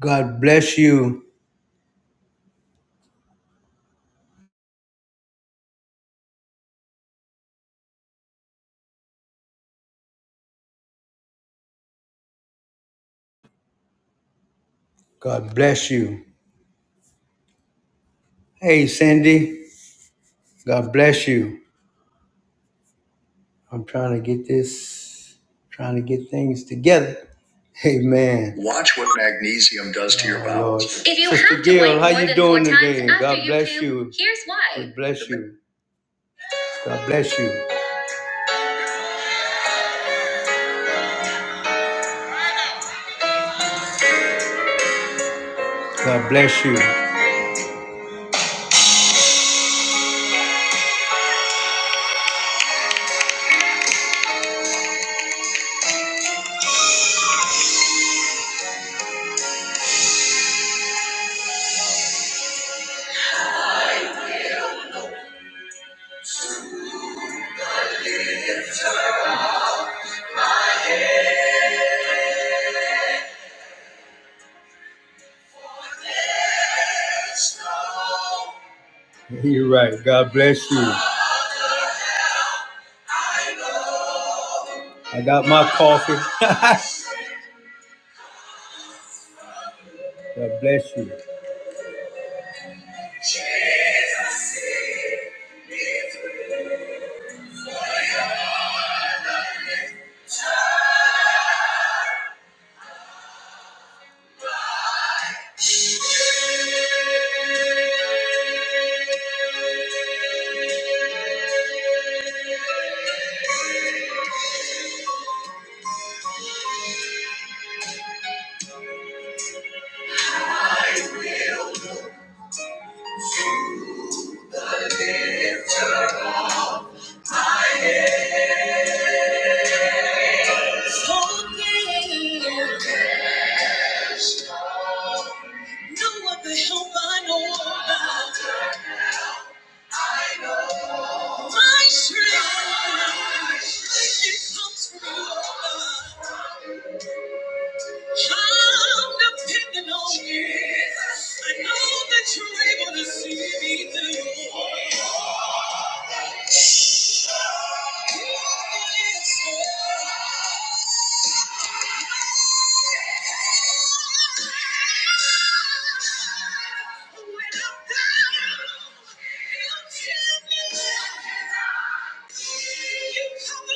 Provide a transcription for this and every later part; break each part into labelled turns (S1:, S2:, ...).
S1: God bless you. God bless you. Hey, Cindy. God bless you. I'm trying to get this, trying to get things together. Amen. Watch what magnesium does to your Oh, bowels. Lord. If you Sister have to Gail, wait how more you than doing four times today? after God you bless poop, you. Here's why. God bless you. God bless you. God bless you. You're right. God bless you. I got my coffee. God bless you. Jesus, Know what the help I know My strength, it comes from the I'm depending on you. I know that you're able to see me through.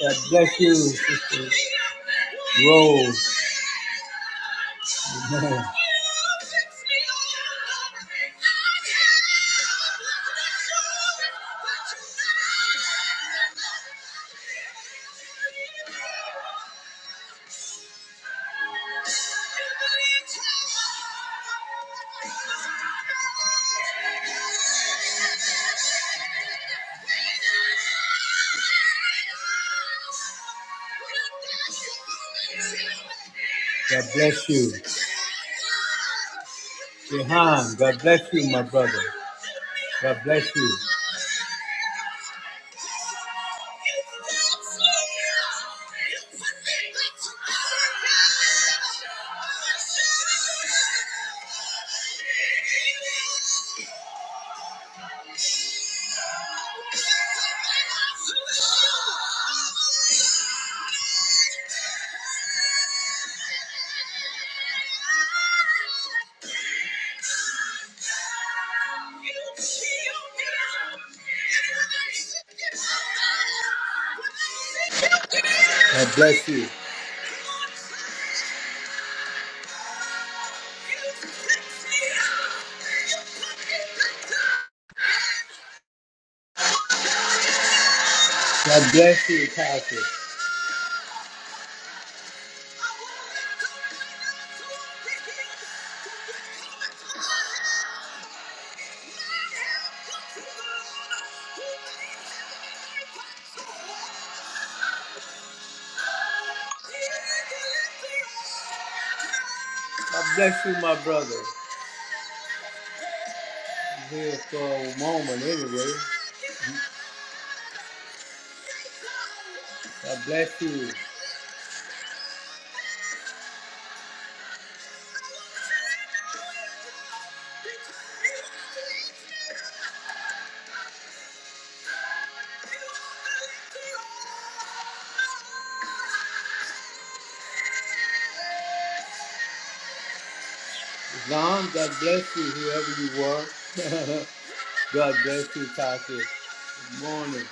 S1: God bless you, Sister Rose. Amen. God bless you. Jehan, God bless you, my brother. God bless you. Yeah. God bless you. God bless you, Pastor. God bless you, my brother. Here for a moment, anyway. God bless you. Don, God bless you, whoever you were. God bless you, Tasha. Good morning.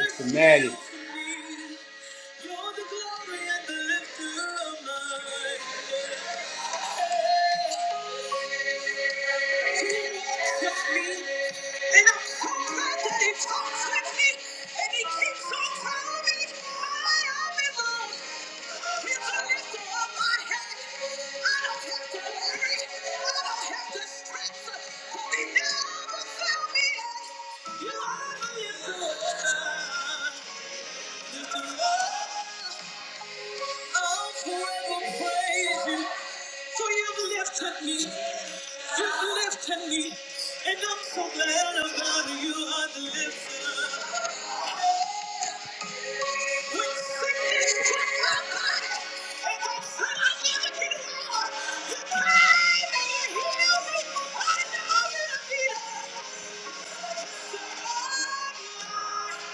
S1: Mr. Maddie. You're the glory and the lifter of my He he he He doesn't don't me, me, me me, and and I'm I I I talks with me, and he keeps on telling me I am his own. He's the the lifter lifter of of my head. I don't have have to to worry, I don't have to stress. but he never fell me out. you are the lifter. Lifter of I'll forever praise you, for you've lifted me, you've lifted me, and I'm so glad about it. you are the lifter. When sickness struck my body, and I said I never get more, you came and you healed me. I know you're the healer.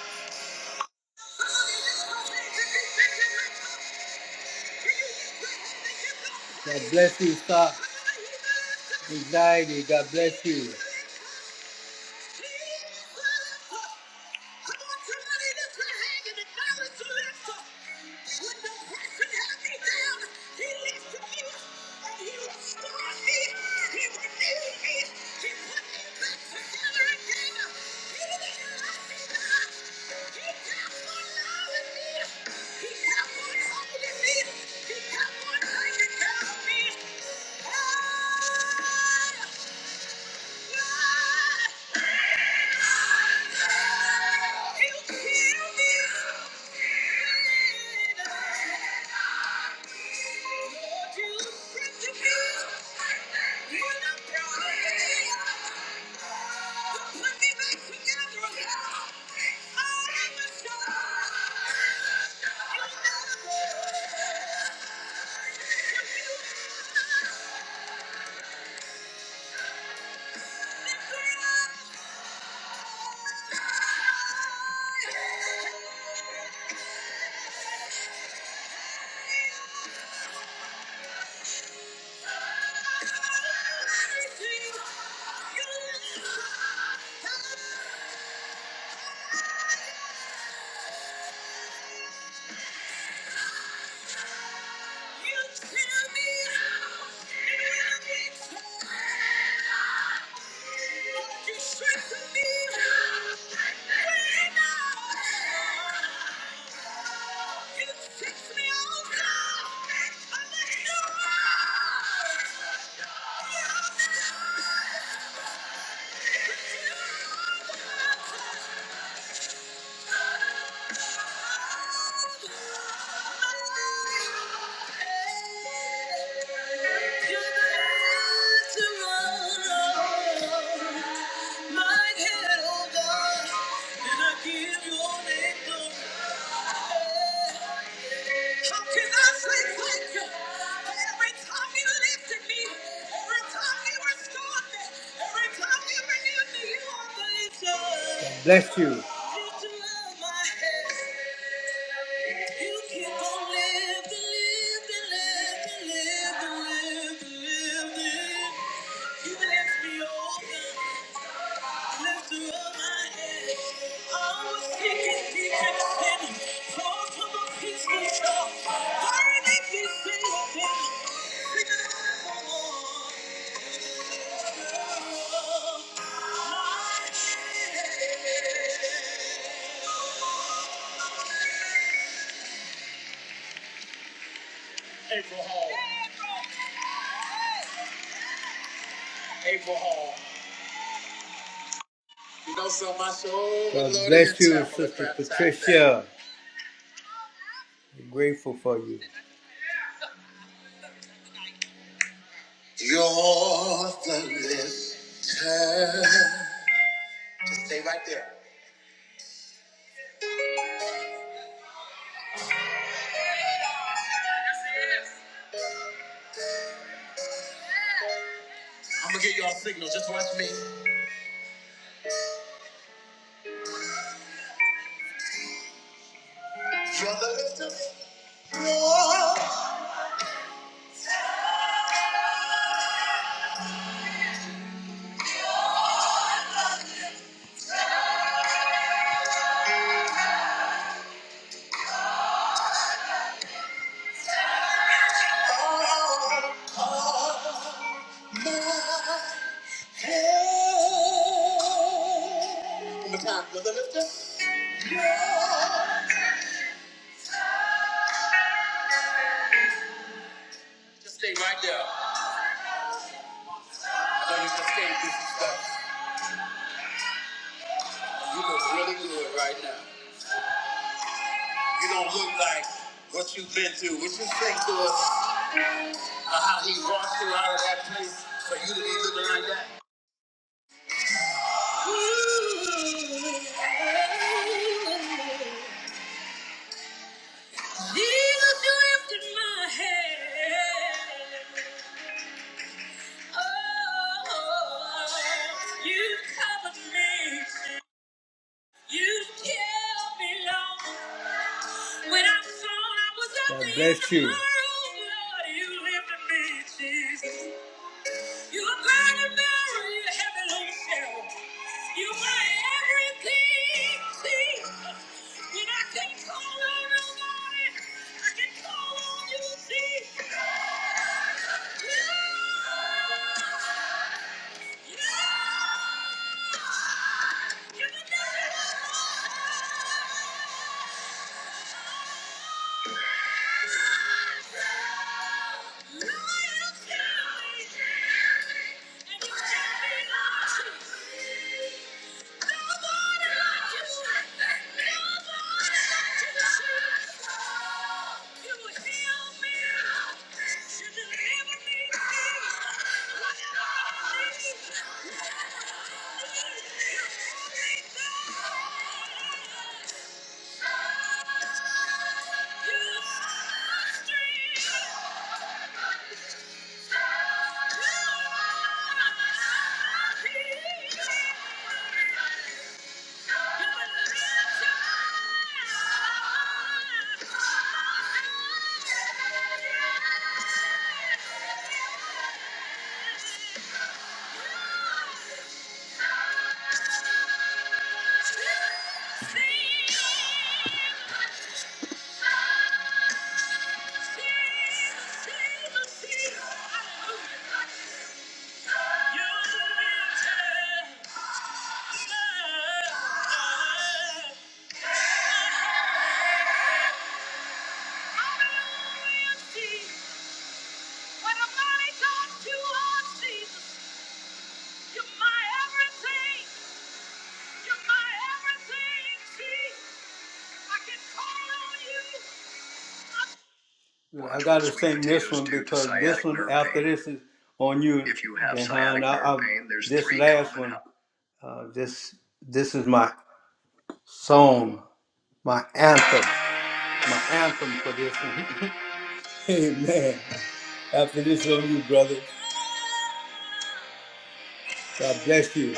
S1: God bless you, sir. Anxiety, God bless you. He kept on hiding me. He me, holding me. Oh! Yeah. Yeah. God Bless you. You keep on living, living, living, living, living, living. You bless me, oh God. God bless you, Sister Patricia. We're grateful for you. You're the listener. From the top to the lift just stay right there. I know you can stay this stuff. You look really good right now. Jesus, you lifted my head. Oh, you covered me. You kept me long. When I thought I was up God to bless you. you. tomorrow, Lord, you lifted me, Jesus. You burn a very heavy load, Cheryl. You my everything, Jesus. When I can call on nobody, I can call on you, Jesus. You, you, you, you, Thank you. Thank you. Thank you. I gotta sing this one because this one after this is on you. If you have sciatic nerve pain, there's this last one. Uh, this this is my song, my anthem. my anthem for this one. Amen. After this on you, brother. God bless you.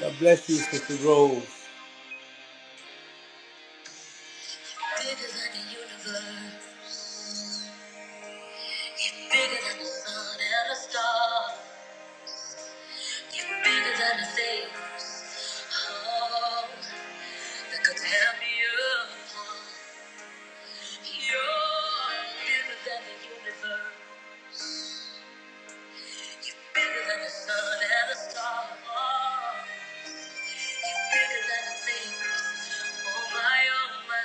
S1: God bless you, Sister Rose. Bigger than the universe, bigger than the sun and the stars. bigger than the things oh, that could tear me apart. You're bigger than the universe, bigger than the sun and the stars. Bigger than I think. Oh my, oh my.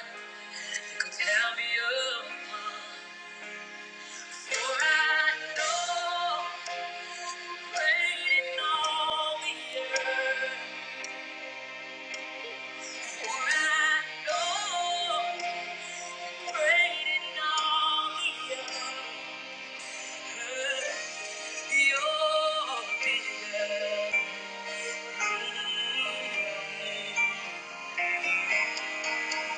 S1: You could tell me apart. For I know, waiting on the earth. For I know, waiting on the earth. You're bigger. Mm.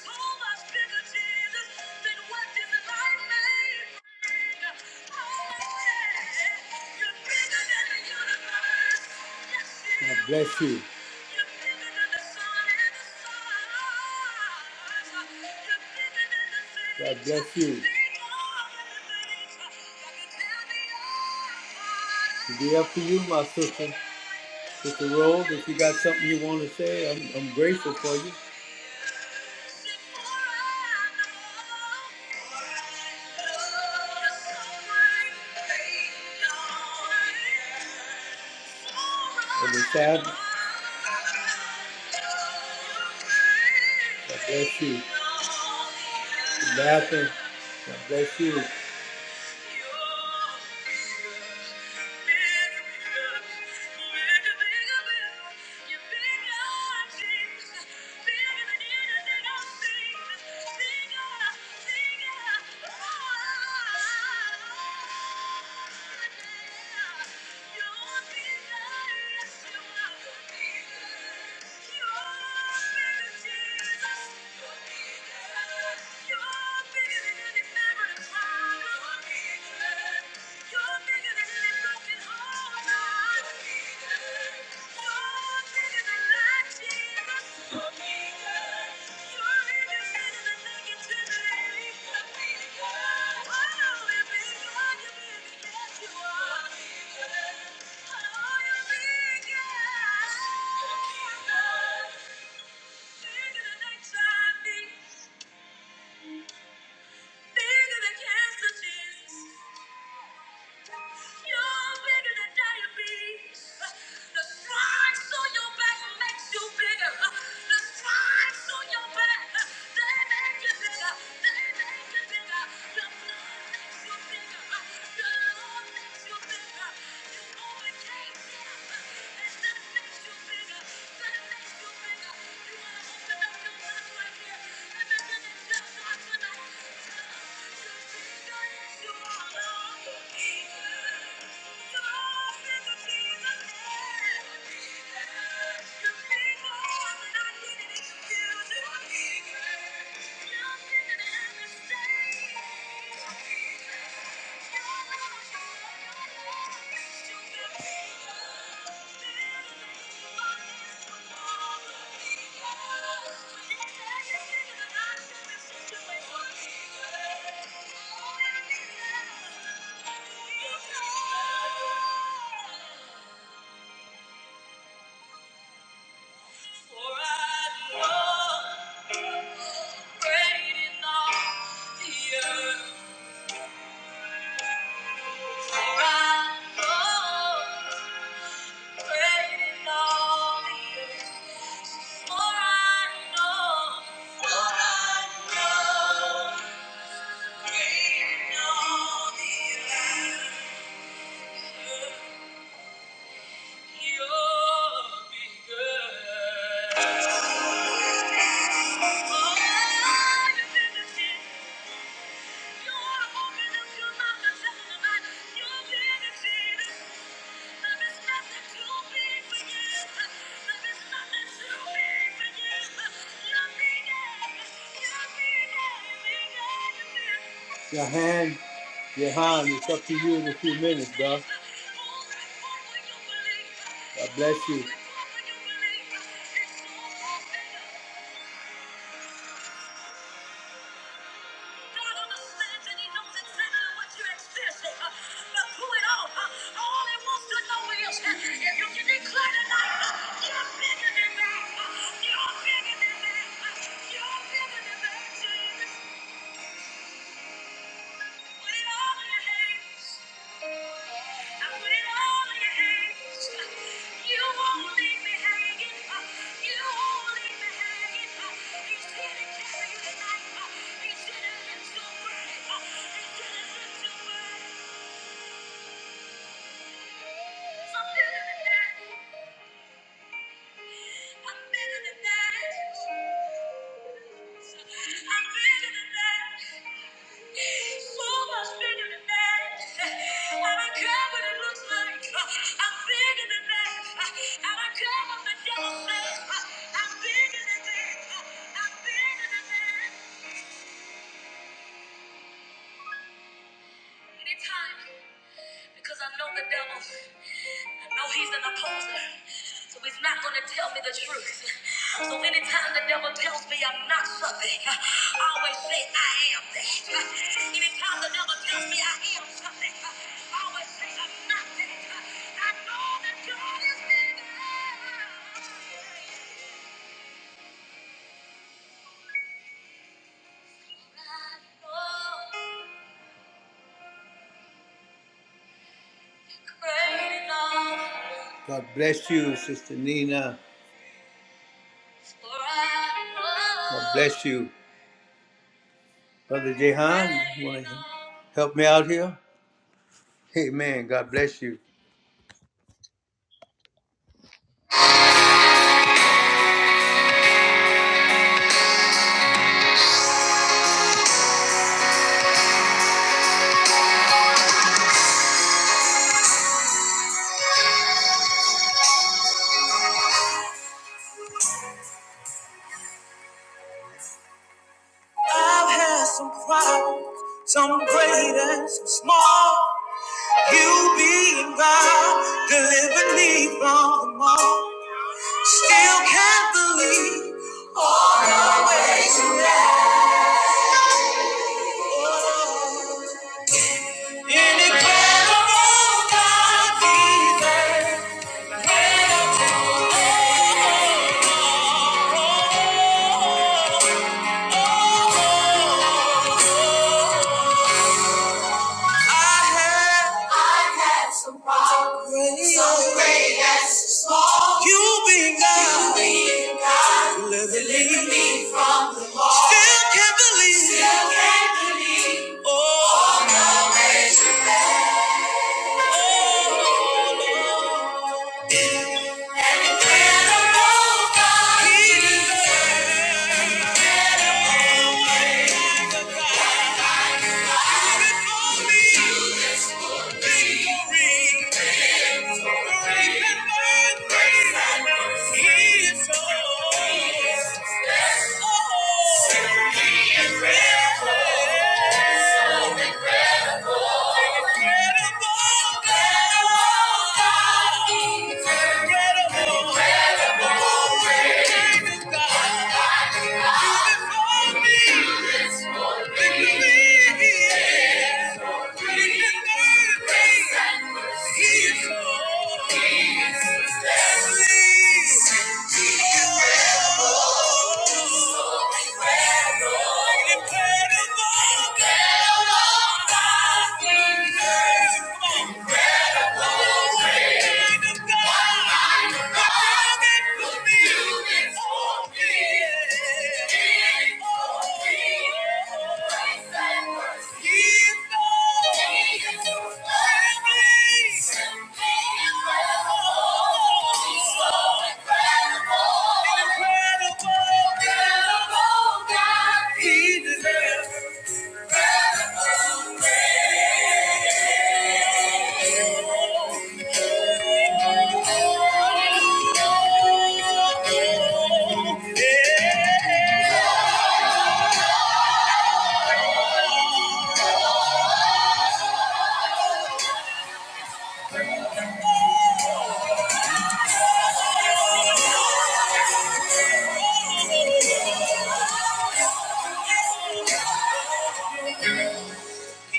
S1: so Oh, yeah. Yes, God bless you. God bless you. It'll Be up to you, my sister. Sister Rose, if you got something you want to say, I'm, I'm grateful for you. It'll be sad. God bless you. Good Bathroom. God bless you. You're bigger, Thank you. are bigger Bigger than HIV. Bigger than cancer, Jesus. You're bigger than diabetes. The stripes on your back makes you bigger. The stripes on your back, they make you bigger. They make you bigger. Your blood makes you bigger. Your love makes you bigger. You overcame death, and that makes you bigger. Thank you. For I know Great in all the for I know Thank you. Your hand, your hand, it's up to you in a few minutes, bro. God bless you. God understands and He knows exactly what you're experiencing. Uh, But through it all, uh, all He wants to know is uh, if you can declare tonight, uh, you're bigger than that. Uh, You're bigger than that. Uh, You're bigger than that, Jesus. Thank you. I'm better than that. I'm better than that. So much bigger than that. I don't care what it looks like. I'm bigger than that. I don't care what the devil says. I'm bigger than that. I'm bigger than that. Anytime, because I know the devil. No, he's an opposer. So he's not going to tell me the truth. So anytime the devil tells me I'm not something, I always say I am that. Anytime the devil tells me I am something, I always say I'm not that. I know that God is bigger. I know Great and all. God bless you, Sister Nina. God bless you. Brother Jehan, you want to help me out here? Hey, man, God bless you.
S2: I've had some problems, some great and some small. You being God delivered me from them all. Still can't believe. Incredible God, be there. I have, I have some problems, some great and some small. You being God, you being God, deliver me me from the law. Still can't believe, still can't believe. Oh, no, ways are incredible, God. He is the God. He did for me victory. Thank you. Incredible. Yeah.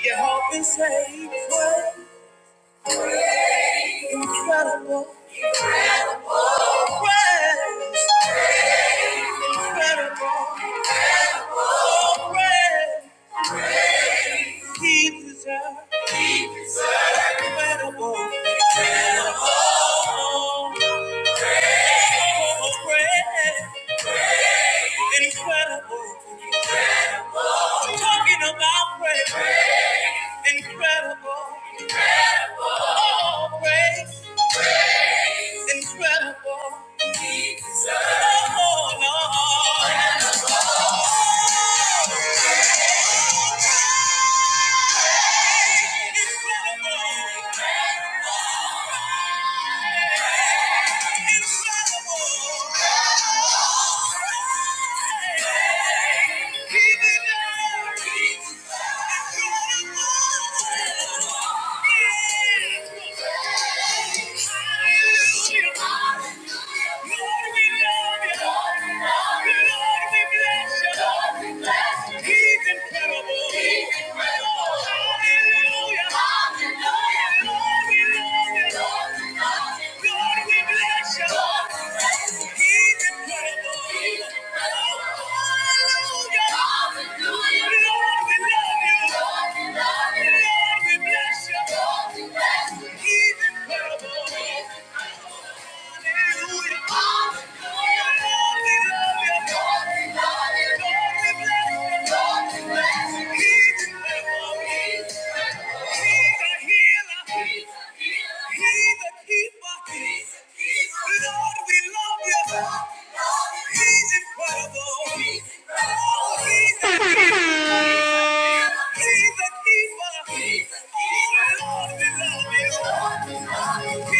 S2: Your hope is saved. Great. Incredible. Incredible. Praise. Praise. Incredible. Incredible. Praise. Praise. He deserves. He deserves. Incredible. Incredible. Oh, great, great, incredible. incredible. Talking about great, great, incredible. incredible. Oh, great, great, incredible. He deserves. Oh, Lord. Incredible. Lord, we love you. Lord, we bless you. He's incredible. Hallelujah. Hallelujah. we bless you. God, we bless you. He's incredible. Hallelujah. Lord, we love you. Lord, we bless you. He's incredible. Hallelujah. He's a keeper. He's a keeper. Lord, we love you. An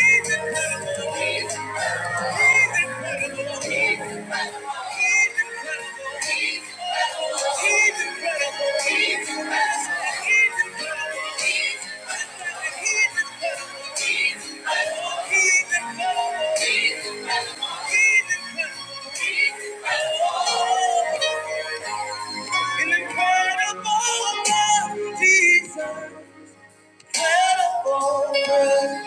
S2: incredible love, Jesus, incredible love.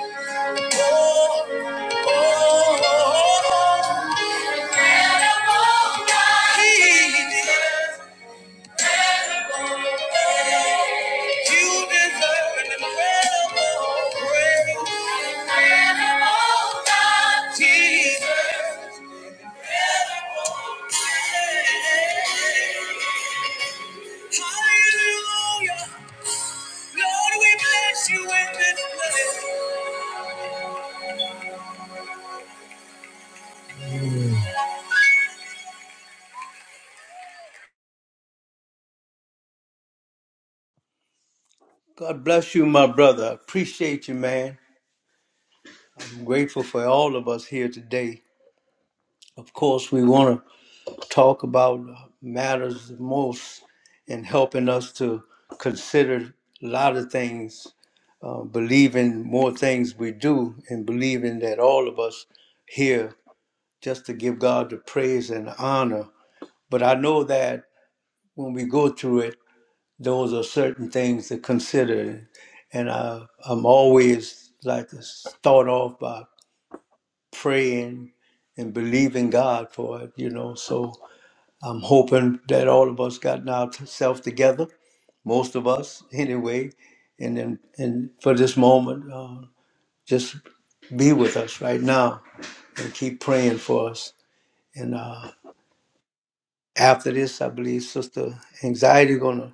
S1: God bless you, my brother. I Appreciate you, man. I'm grateful for all of us here today. Of course, we want to talk about matters the most and helping us to consider a lot of things, uh, believing more things we do, and believing that all of us here just to give God the praise and honor. But I know that when we go through it, those are certain things to consider. And I, I'm always like to start off by praying and believing God for it, you know. So I'm hoping that all of us gotten ourselves together, most of us anyway, and then and for this moment, uh, just be with us right now and keep praying for us. And uh, after this, I believe Sister Anxiety gonna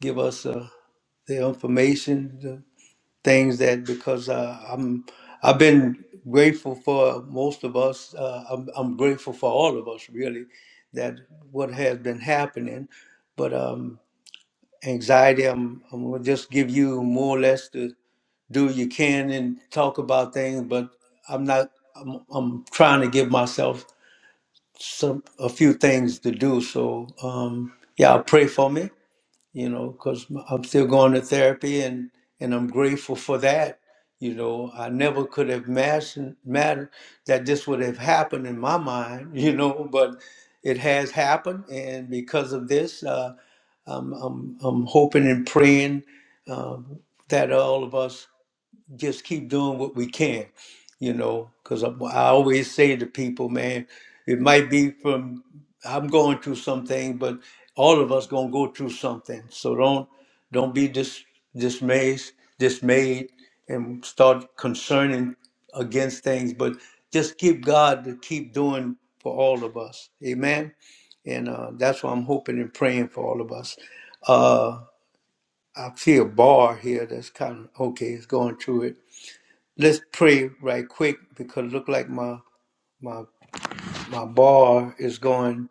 S1: give us uh, the information, things that because uh, I'm I've been grateful for most of us. Uh, I'm, I'm grateful for all of us really that what has been happening. But um, anxiety, I'm, I'm gonna just give you more or less to do you can and talk about things. But I'm not. I'm, I'm trying to give myself some a few things to do. So um, yeah, pray for me you know, because I'm still going to therapy and and I'm grateful for that. You know, I never could have imagined matter that this would have happened in my mind. You know, but it has happened, and because of this, uh, I'm, I'm I'm hoping and praying um that all of us just keep doing what we can, you know, because I, I always say to people, man, it might be from I'm going through something, but all of us gonna go through something. So don't don't be dis, dismayed, dismayed, and start concerning against things, but just give God to keep doing for all of us. Amen. And uh, that's what I'm hoping and praying for all of us. Uh, I see a bar here that's kind of okay. It's going through it. Let's pray right quick because look like my my my bar is going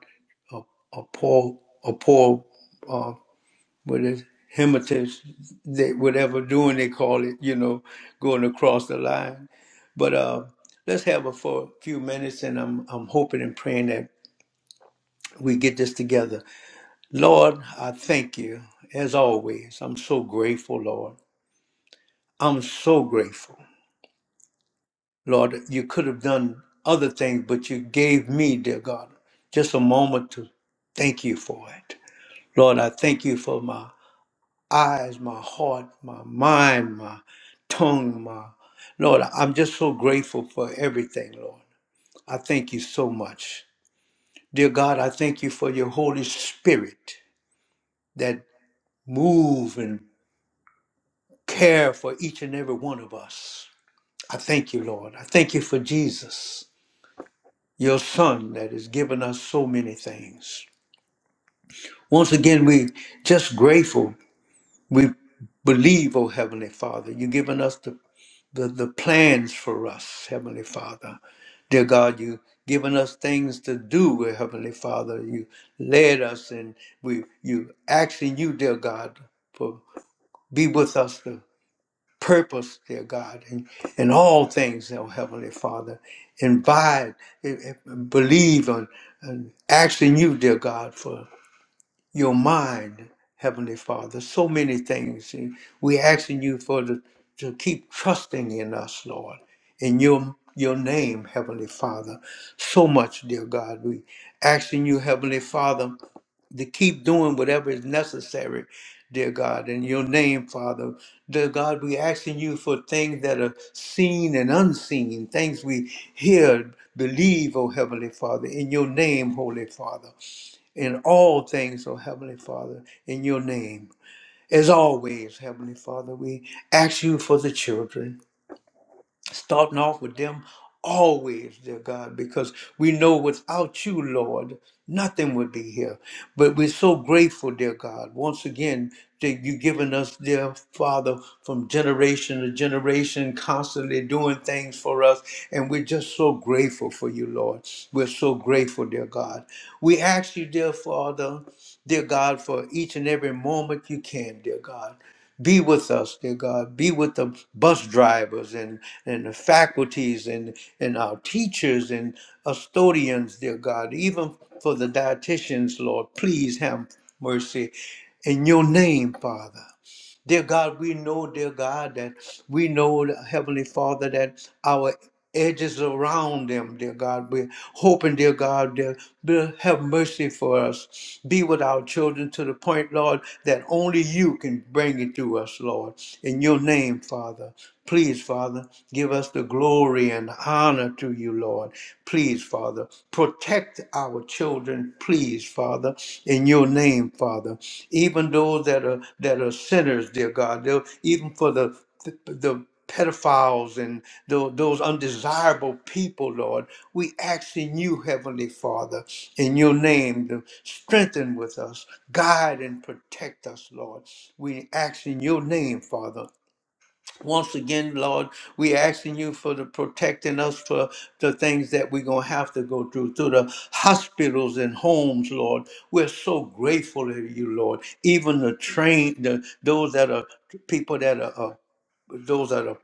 S1: a a poor a poor uh what is hematus they whatever doing they call it you know going across the line but uh let's have it for a few minutes and I'm I'm hoping and praying that we get this together Lord I thank you as always I'm so grateful Lord I'm so grateful Lord, you could have done other things, but you gave me, dear God, just a moment to thank you for it. Lord, I thank you for my eyes, my heart, my mind, my tongue, my Lord, I'm just so grateful for everything, Lord. I thank you so much. Dear God, I thank you for your Holy Spirit that move and care for each and every one of us. I thank you, Lord. I thank you for Jesus. your son that has given us so many things. Once again, we just grateful. We believe, oh Heavenly Father, you've given us the, the, the plans for us, Heavenly Father. Dear God, you've given us things to do, oh Heavenly Father. You led us and we you asking you, dear God, for be with us purpose, dear God, and in in all things, oh Heavenly Father. Invite, eh, eh, believe, on, and ask in you, dear God, for your mind, Heavenly Father. So many things. And We're asking you for the, to keep trusting in us, Lord, in your your name, Heavenly Father. So much, dear God. We asking you, Heavenly Father, to keep doing whatever is necessary, dear God, in your name, Father. Dear God, we asking you for things that are seen and unseen, things we hear, believe, oh Heavenly Father, in your name, Holy Father in all things, O Heavenly Father, in your name. As always, Heavenly Father, we ask you for the children starting off with them always, dear God, because we know without you, Lord, nothing would be here. But we're so grateful, dear God, once again, that you've given us, dear Father, from generation to generation, constantly doing things for us. And we're just so grateful for you, Lord. We're so grateful, dear God. We ask you, dear Father, dear God, for each and every moment you can, dear God. Be with us, dear God. Be with the bus drivers and, and the faculties and, and our teachers and custodians, dear God. Even for the dietitians, Lord, please have mercy. In your name, Father. Dear God, we know, dear God, that we know, Heavenly Father, that our edges around them, dear God. We're hoping, dear God, dear, dear, have mercy for us. Be with our children to the point, Lord, that only you can bring it to us, Lord. In your name, Father. Please, Father, give us the glory and honor to you, Lord. Please, Father, protect protect our children, please, Father, in your name, Father. Even those that are that are sinners, dear God, they'll- even for the the pedophiles and tho- those undesirable people, Lord, we ask in you, Heavenly Father, in your name, to strengthen with us, guide and protect us, Lord. We ask in your name, Father once again, Lord, we asking you for the protecting us for the things that we're gonna have to go through through the hospitals and homes, Lord. We're so grateful to you, Lord. Even the train, the those that are people that are uh, those that are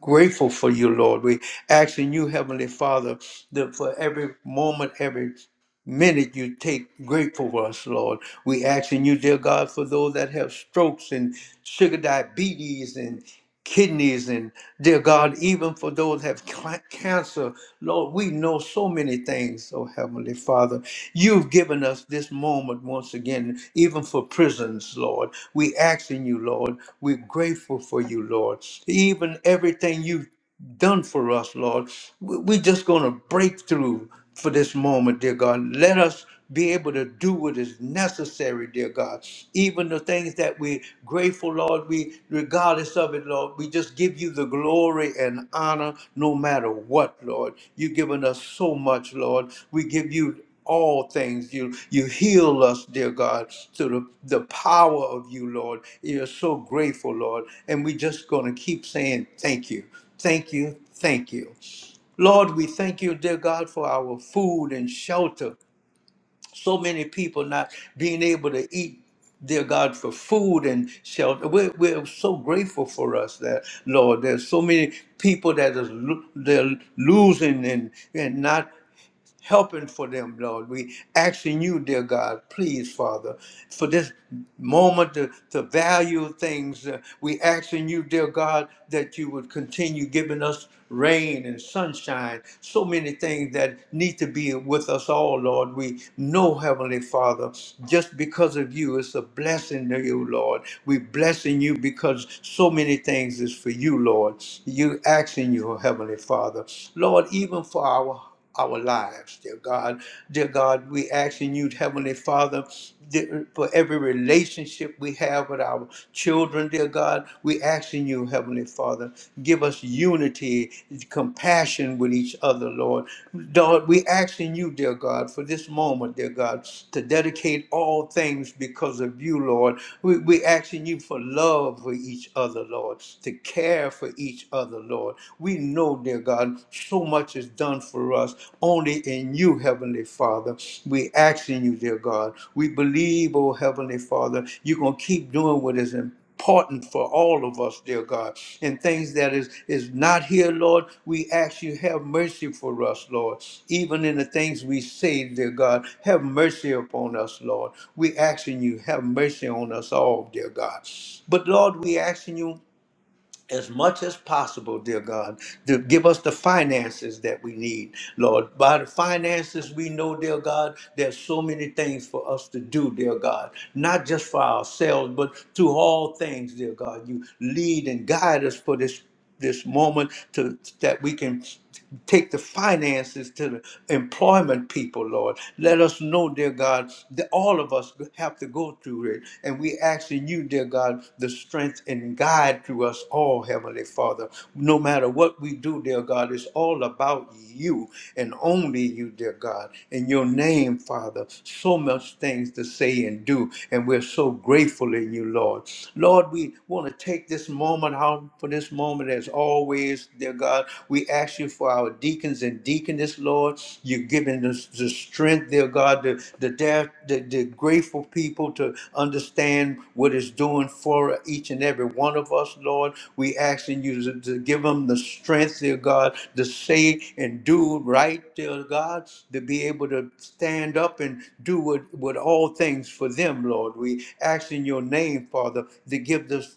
S1: grateful for you, Lord. We asking you, Heavenly Father, that for every moment, every minute you take grateful for us, Lord. We asking you, dear God, for those that have strokes and sugar diabetes and kidneys and dear God, even for those that have ca- cancer, Lord, we know so many things, oh Heavenly Father. You've given us this moment once again, even for prisons, Lord. We asking you, Lord. We're grateful for you, Lord. Even everything you done for us, Lord. We- We're just going to break through for this moment, dear God. Let us be able to do what is necessary, dear God. Even the things that we grateful, Lord, we regardless of it, Lord, we just give you the glory and honor no matter what, Lord. You've given us so much, Lord. We give you all things. You you heal us, dear God, through the, the power of you, Lord. You're so grateful, Lord. And we just gonna keep saying thank you. Thank you. Thank you. Lord, we thank you, dear God, for our food and shelter. So many people not being able to eat. Dear God, for food and shelter, we're, we're so grateful for us that Lord. There's so many people that is lo- they're losing and and not helping for them, Lord. We asking you, dear God, please, Father, for this moment to, to value things. Uh, we asking you, dear God, that you would continue giving us rain and sunshine, so many things that need to be with us all, Lord. We know, Heavenly Father, just because of you, it's a blessing to you, Lord. We blessing you because so many things is for you, Lord. You asking you, Heavenly Father. Lord, even for our our lives, dear God. Dear God, we asking you, Heavenly Father, dear- for every relationship we have with our children, dear God, we asking you, Heavenly Father, give us unity, compassion with each other, Lord. Lord, we asking you, dear God, for this moment, dear God, to dedicate all things because of you, Lord. We, we asking you for love for each other, Lord, to care for each other, Lord. We we know, dear God, so much is done for us only in you, Heavenly Father. We ask in you, dear God. We believe, oh Heavenly Father, you're going to keep doing what is important important for all of us, dear God. And things that is is not here, Lord, we ask you have mercy for us, Lord. Even in the things we say, dear God, have mercy upon us, Lord. We asking you have mercy on us all, dear God. But Lord, we asking you as much as possible, dear God, to give us the finances that we need, Lord. By the finances, we know, dear God, there's so many things for us to do, dear God, not just for ourselves, but to all things, dear God. You lead and guide us for this this moment to that we can take the finances to the employment people, Lord. Let us know, dear God, that all of us have to go through it. And we ask in you, dear God, the strength and guide to us all, Heavenly Father. No matter what we do, dear God, it's all about you and only you, dear God. In your name, Father, so much things to say and do. And we're so grateful in you, Lord. Lord, we want to take this moment out for this moment as always, dear God. We ask you for our deacons and deaconess, Lord. You're giving us the strength, dear God, the, the, dare- the, the grateful people to understand what it's doing for each and every one of us, Lord. We ask in you to, to give them the strength, dear God, to say and do right, dear God, to be able to stand up and do with, with all things for them, Lord. We ask in your name, Father, to give this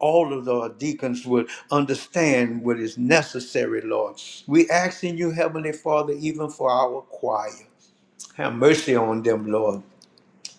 S1: all of our deacons would understand what is necessary, Lord. We ask in you, Heavenly Father, even for our choir. Have mercy on them, Lord.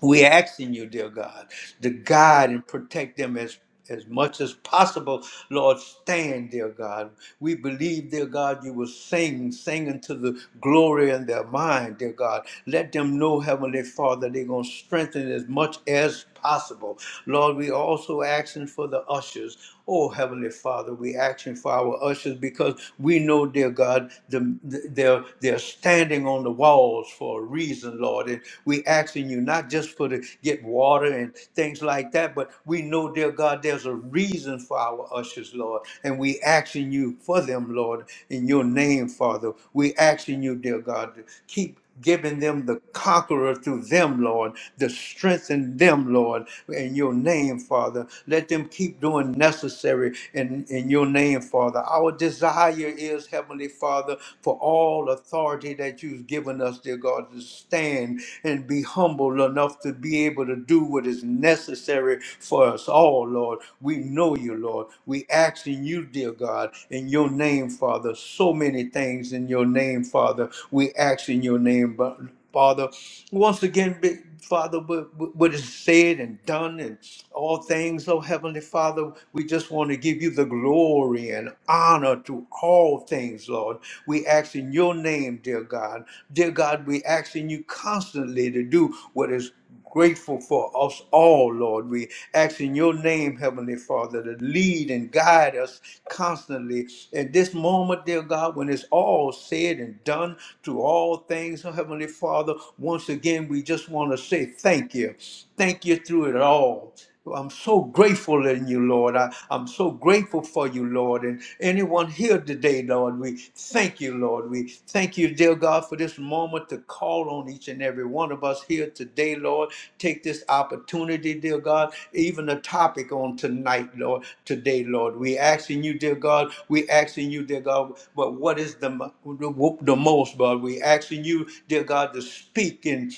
S1: We asking you, dear God, to guide and protect them as as much as possible, Lord, stand, dear God. We believe, dear God, you will sing, sing into the glory in their mind, dear God. Let them know, Heavenly Father, they're going to strengthen as much as possible. Lord, we also asking for the ushers. Oh, Heavenly Father, we asking for our ushers because we know, dear God, the, the- they're, they're standing on the walls for a reason, Lord. And we asking you not just for to get water and things like that, but we know, dear God, there's a reason for our ushers, Lord. And we asking you for them, Lord, in your name, Father. We asking you, dear God, to keep giving them the conqueror through them, Lord, to strengthen them, Lord, in your name, Father. Let them keep doing necessary in, in your name, Father. Our desire is, Heavenly Father, for all authority that you've given us, dear God, to stand and be humble enough to be able to do what is necessary for us all, Lord. We know you, Lord. We ask in you, dear God, in your name, Father, so many things in your name, Father. We ask in your name, but. Father. Once again, big Father, what what is said and done and all things, oh Heavenly Father, we just want to give you the glory and honor to all things, Lord. We ask in your name, dear God. Dear God, we ask in you constantly to do what is grateful for us all, Lord. We ask in your name, Heavenly Father, to lead and guide us constantly at this moment, dear God, when it's all said and done to all things, oh, Heavenly Father. Once again, we just want to say thank you. Thank you through it all. I'm so grateful in you, Lord. I, I'm so grateful for you, Lord. And anyone here today, Lord, we thank you, Lord. We thank you, dear God, for this moment to call on each and every one of us here today, Lord. Take this opportunity, dear God, even the topic on tonight, Lord, today, Lord. We asking you, dear God, we asking you, dear God, but what is the the most, but we asking you, dear God, to speak and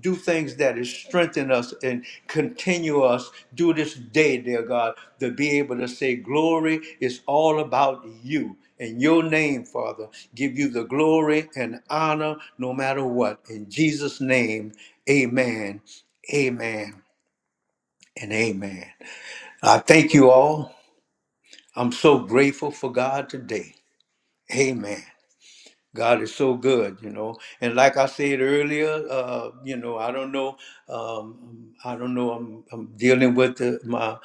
S1: do things that is strengthen us and continue us do this day, dear God, to be able to say glory is all about you. In your name, Father, give you the glory and honor no matter what. In Jesus' name, amen, amen, and amen. I thank you all. I'm so grateful for God today. Amen. God is so good, you know. And like I said earlier, uh, you know, I don't know, um, I don't know. I'm, I'm dealing with the, my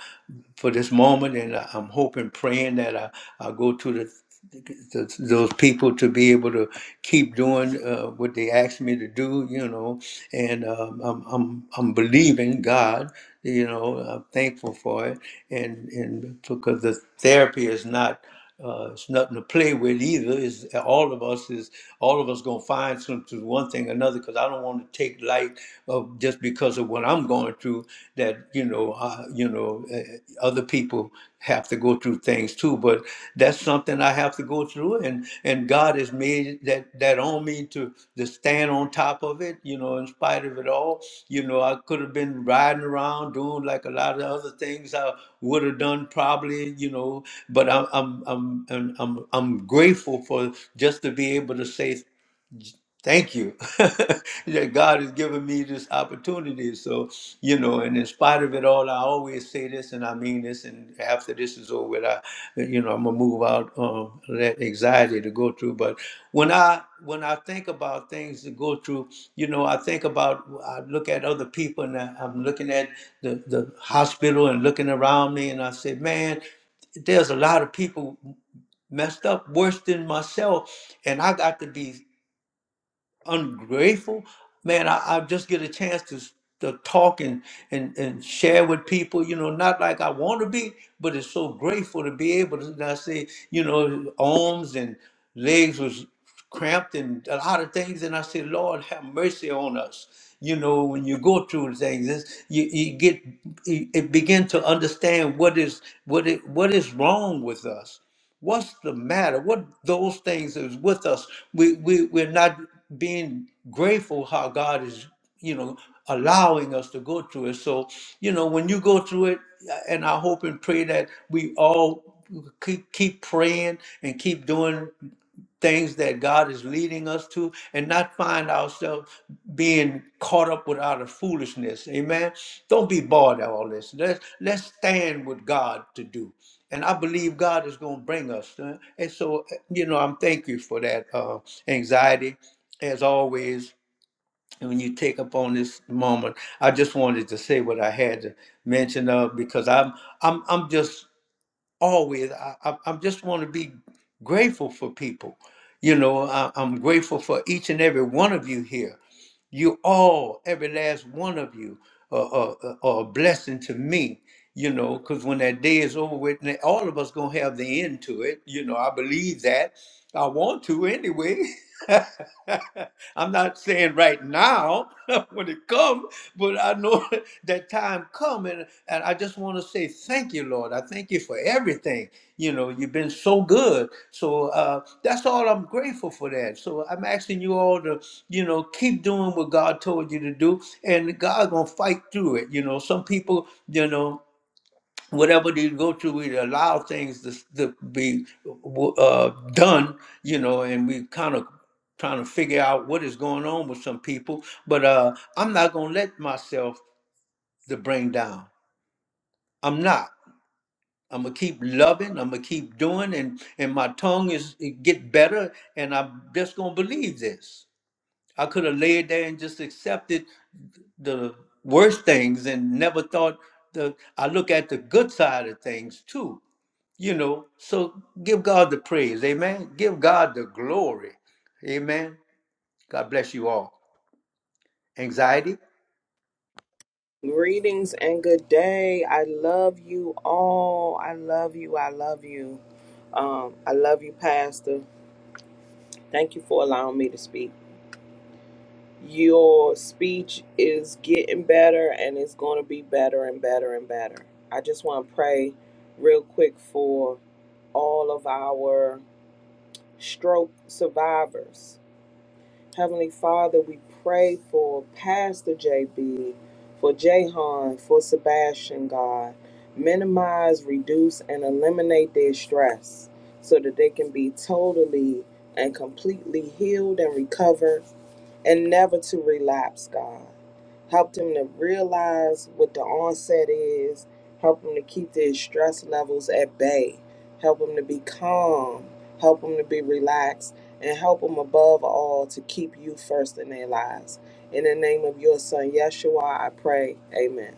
S1: for this moment, and I- I'm hoping, praying that I I go to the, the those people to be able to keep doing uh, what they asked me to do, you know. And um, I'm I'm I'm believing God, you know. I'm thankful for it, and and because the therapy is not. Uh, it's nothing to play with either. Is all of us is all of us gonna find something one thing or another? Because I don't want to take light of just because of what I'm going through. That you know, I, you know, uh, other people have to go through things too. But that's something I have to go through, and and and God has made that that on me to to stand on top of it. You know, in spite of it all, you know, I could have been riding around doing like a lot of other things I would have done probably. You know, but I'm I'm I'm I'm I'm, I'm grateful for just to be able to say thank you that God has given me this opportunity. So, you know, and in spite of it all, I always say this and I mean this. And after this is over, with, I, you know, I'm gonna move out um, that anxiety to go through. But when I when I think about things to go through, you know, I think about I look at other people and I, I'm looking at the the hospital and looking around me, and I say, man, there's a lot of people messed up worse than myself and i got to be ungrateful man I, I just get a chance to, s- to talk and, and and share with people you know not like i want to be but it's so grateful to be able to and i say you know arms and legs was cramped and a lot of things and i say, lord have mercy on us you know when you go through things it's, you, you get you, it begin to understand what is what it what is wrong with us What's the matter? What those things is with us? We, we, we're not being grateful how God is, you know, allowing us to go through it. So, you know, when you go through it, uh, and I hope and pray that we all keep, keep praying and keep doing things that God is leading us to and not find ourselves being caught up with our foolishness. Amen. Don't be bored of all this. Let's let's stand with God to do and I believe God is going to bring us. uh, And so, uh, you know, I'm thank you for that uh, anxiety, as always. and When you take up on this moment, I just wanted to say what I had to mention of because I'm I'm I'm just always I I, I just want to be grateful for people. You know, I, I'm grateful for each and every one of you here you all, every last one of you, are, are, are a blessing to me. You know, because when that day is over with, and all of us gonna have the end to it. You know, I believe that. I want to anyway. I'm not saying right now when it comes, but I know that time coming, and I just want to say thank you, Lord. I thank you for everything. You know, you've been so good. So uh, that's all I'm grateful for. That. So I'm asking you all to you know keep doing what god told you to do and god gonna fight through it you know some people you know whatever they go through we allow things to, to be uh, done you know and we kind of trying to figure out what is going on with some people but uh i'm not gonna let myself to bring down i'm not i'm gonna keep loving i'm gonna keep doing and and my tongue is it get better and i'm just gonna believe this I could have laid there and just accepted the worst things and never thought the I look at the good side of things too, you know. So give God the praise, amen. Give God the glory. Amen. God bless you all. Anxiety?
S3: Greetings and good day. I love you all. I love you. I love you. Um, I love you, Pastor. Thank you for allowing me to speak. Your speech is getting better and it's going to be better and better and better. I just want to pray real quick for all of our stroke survivors. Heavenly Father, we pray for Pastor JB, for Jahan, for Sebastian, God. Minimize, reduce, and eliminate their stress so that they can be totally and completely healed and recover and never to relapse, God. Help them to realize what the onset is. Help them to keep their stress levels at bay. Help them to be calm. Help them to be relaxed. And help them above all to keep you first in their lives. In the name of your son, Yeshua, I pray. Amen.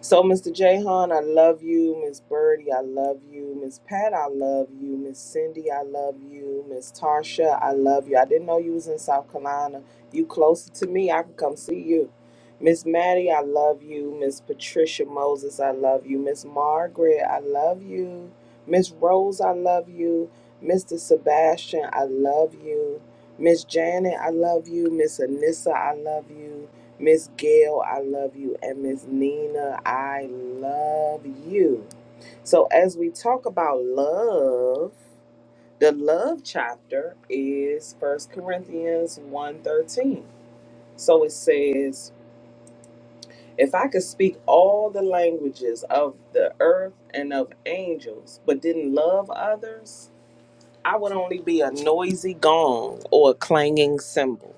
S3: So, Mr. Jahan, I love you. Miss Birdie, I love you. Miss Pat, I love you. Miss Cindy, I love you. Miss Tarsha, I love you. I didn't know you was in South Carolina. You closer to me, I can come see you. Miss Maddie, I love you. Miss Patricia Moses, I love you. Miss Margaret, I love you. Miss Rose, I love you. Mr. Sebastian, I love you. Miss Janet, I love you. Miss Anissa, I love you. Miss Gail, I love you. And Miss Nina, I love you. So, as we talk about love, the love chapter is First Corinthians one thirteen. So it says, If I could speak all the languages of the earth and of angels, but didn't love others, I would only be a noisy gong or a clanging cymbal.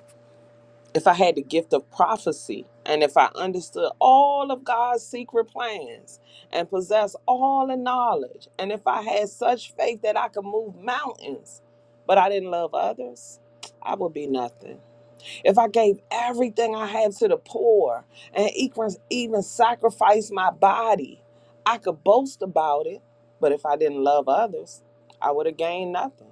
S3: if I had the gift of prophecy and if I understood all of God's secret plans and possessed all the knowledge, and if I had such faith that I could move mountains, but I didn't love others, I would be nothing. If I gave everything I had to the poor and even, even sacrificed my body, I could boast about it, but if I didn't love others, I would have gained nothing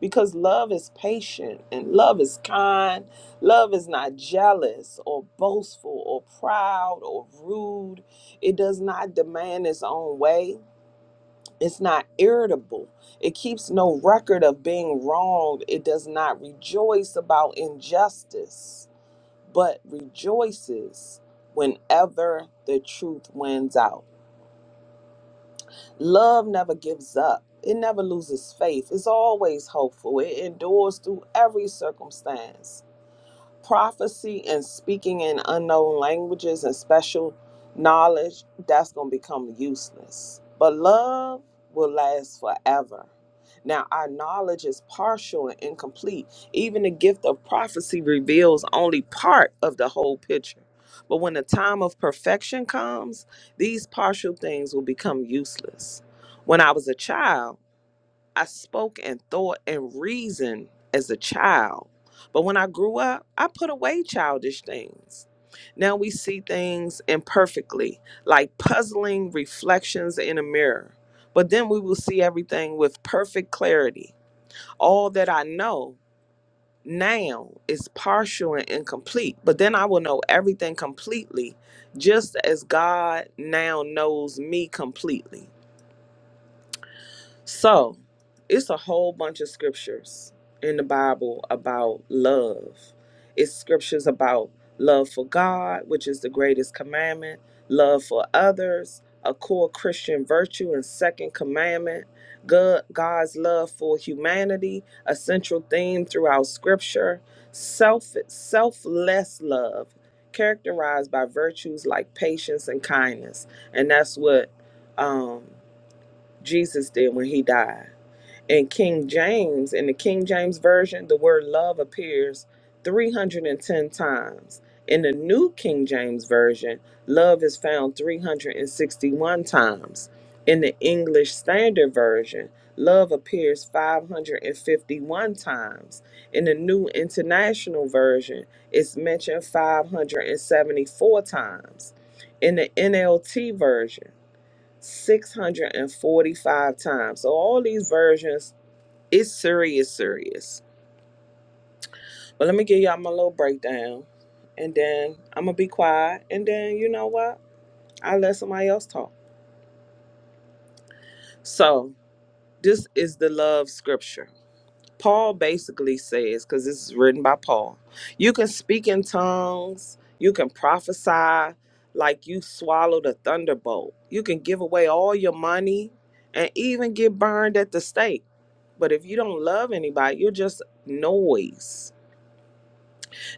S3: because love is patient and love is kind. Love is not jealous or boastful or proud or rude. It does not demand its own way. It's not irritable. It keeps no record of being wronged. It does not rejoice about injustice, but rejoices whenever the truth wins out. Love never gives up. It never loses faith. It's always hopeful. It endures through every circumstance prophecy and speaking in unknown languages and special knowledge, that's going to become useless. But love will last forever. Now, our knowledge is partial and incomplete. Even the gift of prophecy reveals only part of the whole picture. But when the time of perfection comes, these partial things will become useless. When I was a child, I spoke and thought and reasoned as a child. But when I grew up, I put away childish things. Now we see things imperfectly, like puzzling reflections in a mirror. But then we will see everything with perfect clarity. All that I know now is partial and incomplete, but then I will know everything completely, just as God now knows me completely. So it's a whole bunch of scriptures in the Bible about love. It's scriptures about love for God, which is the greatest commandment, love for others, a core Christian virtue and second commandment, God, God's love for humanity, a central theme throughout scripture, self selfless love characterized by virtues like patience and kindness. And that's what um Jesus did when he died. In King James, in the King James Version, the word love appears 310 times. In the New King James Version, love is found 361 times. In the English Standard Version, love appears 551 times. In the New International Version, it's mentioned 574 times. In the NLT Version, 645 times. So all these versions, it's serious, serious. But let me give y'all my little breakdown. And then I'm gonna be quiet. And then you know what? I let somebody else talk. So this is the love scripture. Paul basically says, because this is written by Paul, you can speak in tongues, you can prophesy like you swallowed a thunderbolt, you can give away all your money and even get burned at the stake. But if you don't love anybody, you're just noise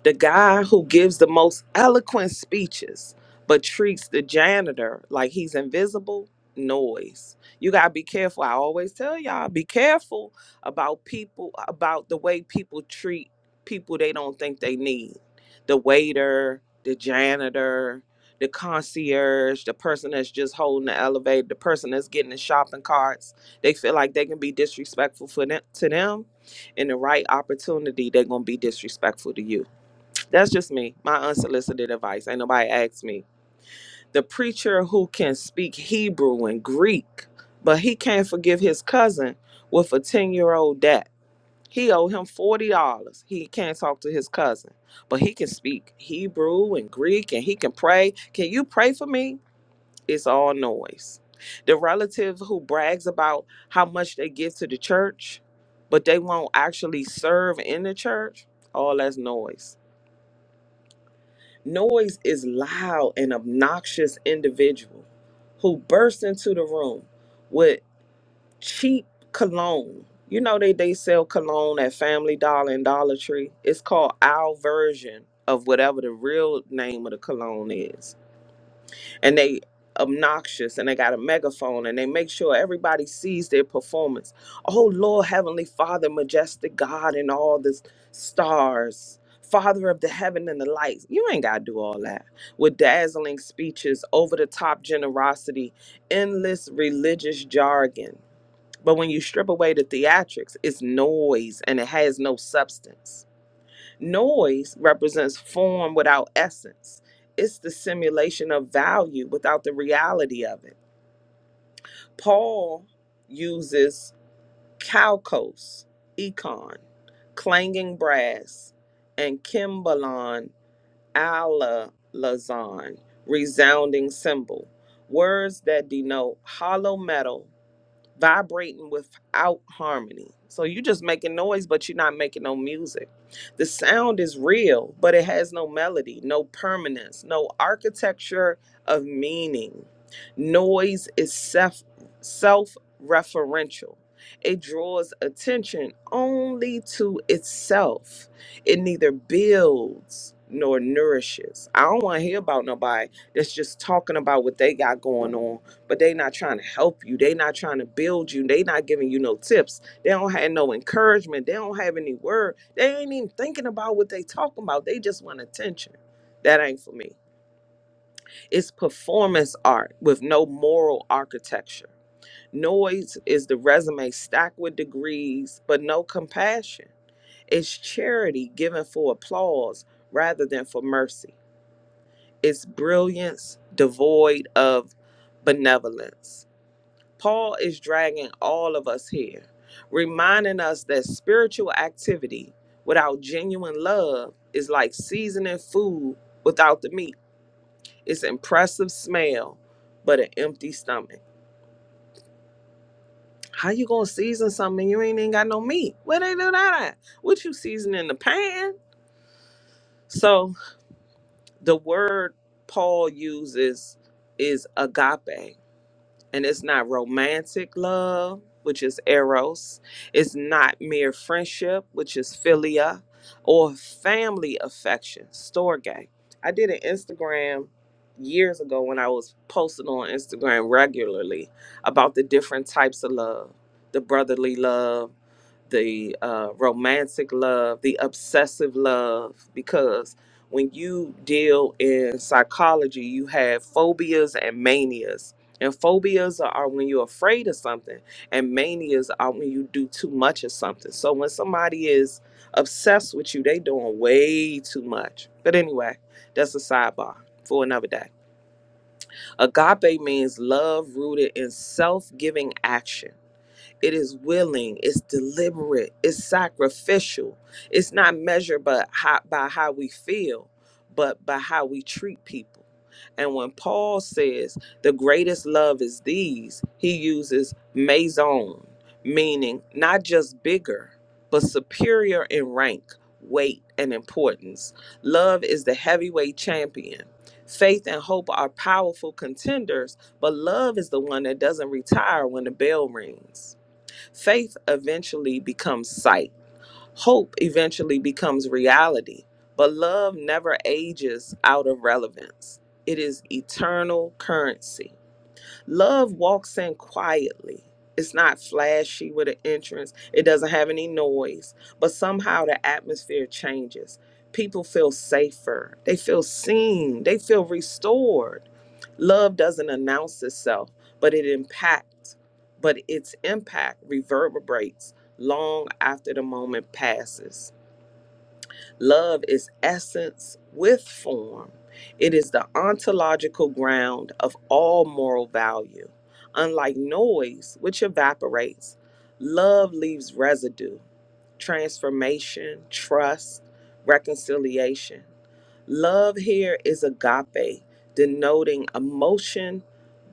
S3: the guy who gives the most eloquent speeches but treats the janitor like he's invisible, noise. You got to be careful. I always tell y'all be careful about people, about the way people treat people they don't think they need. The waiter, the janitor, the concierge, the person that's just holding the elevator, the person that's getting the shopping carts. They feel like they can be disrespectful for them, to them in the right opportunity, they're gonna be disrespectful to you that's just me, my unsolicited advice. Ain't nobody asked me. The preacher who can speak Hebrew and Greek, but he can't forgive his cousin with a 10 year old debt. He owed him $40. He can't talk to his cousin, but he can speak Hebrew and Greek and he can pray. Can you pray for me? It's all noise. The relative who brags about how much they give to the church, but they won't actually serve in the church, all that's noise Noise is loud and obnoxious individual who bursts into the room with cheap cologne. You know they they sell cologne at Family Dollar and Dollar Tree. It's called our version of whatever the real name of the cologne is and they obnoxious and they got a megaphone and they make sure everybody sees their performance. Oh Lord, Heavenly Father, majestic God and all the stars, Father of the heaven and the lights. You ain't gotta do all that. With dazzling speeches, over the top generosity, endless religious jargon. But when you strip away the theatrics, it's noise and it has no substance. Noise represents form without essence. It's the simulation of value without the reality of it. Paul uses calcos, econ, clanging brass, and kimbalon, alazon, resounding cymbal, words that denote hollow metal vibrating without harmony. So you're just making noise, but you're not making no music. The sound is real, but it has no melody, no permanence, no architecture of meaning. Noise is self self referential. It draws attention only to itself. It neither builds nor nourishes. I don't want to hear about nobody that's just talking about what they got going on but they not trying to help you. They not trying to build you. They not giving you no tips. They don't have no encouragement. They don't have any word. They ain't even thinking about what they talking about. They just want attention. That ain't for me. It's performance art with no moral architecture. Noise is the resume stacked with degrees, but no compassion. It's charity given for applause rather than for mercy. It's brilliance devoid of benevolence Paul is dragging all of us here, reminding us that spiritual activity without genuine love is like seasoning food without the meat. It's impressive smell, but an empty stomach. How you gonna season something you ain't even got no meat? Where they do that at? What you seasoning the pan? So the word Paul uses is agape and it's not romantic love, which is eros. It's not mere friendship, which is philia, or family affection, storge. I did an Instagram years ago when I was posting on Instagram regularly about the different types of love, the brotherly love, the uh, romantic love, the obsessive love, because when you deal in psychology, you have phobias and manias. And phobias are are when you're afraid of something, and manias are when you do too much of something. So when somebody is obsessed with you, they doing way too much. But anyway, that's a sidebar for another day. Agape means love rooted in self-giving action it is willing, it's deliberate, it's sacrificial. It's not measured by how, by how we feel, but by how we treat people. And when Paul says the greatest love is these, he uses maison, meaning not just bigger, but superior in rank, weight, and importance. Love is the heavyweight champion. Faith and hope are powerful contenders, but love is the one that doesn't retire when the bell rings. Faith eventually becomes sight. Hope eventually becomes reality. But love never ages out of relevance, it is eternal currency. Love walks in quietly. It's not flashy with an entrance, it doesn't have any noise, but somehow the atmosphere changes. People feel safer, they feel seen, they feel restored Love doesn't announce itself, but it impacts, but its impact reverberates long after the moment passes. Love is essence with form, it is the ontological ground of all moral value. Unlike noise, which evaporates, love leaves residue, transformation, trust, reconciliation. Love here is agape, denoting emotion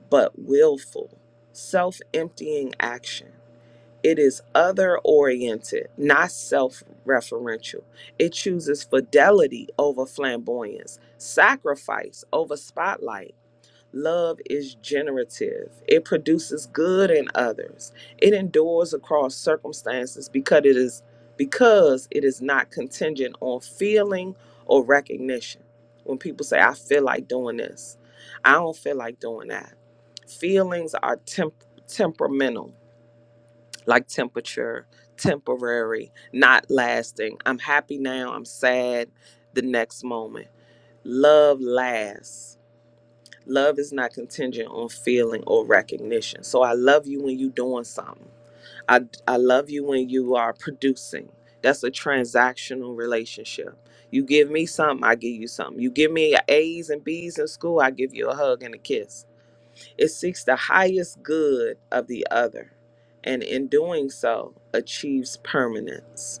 S3: but willful, self emptying action. It is other oriented, not self referential. It chooses fidelity over flamboyance, sacrifice over spotlight. Love is generative, it produces good in others. It endures across circumstances because it is because it is not contingent on feeling or recognition. When people say, I feel like doing this, I don't feel like doing that. Feelings are temp- temperamental like temperature, temporary, not lasting. I'm happy now, I'm sad the next moment. Love lasts. Love is not contingent on feeling or recognition. So I love you when you're doing something. I, I love you when you are producing. That's a transactional relationship. You give me something, I give you something. You give me A's and B's in school, I give you a hug and a kiss it seeks the highest good of the other, and in doing so, achieves permanence.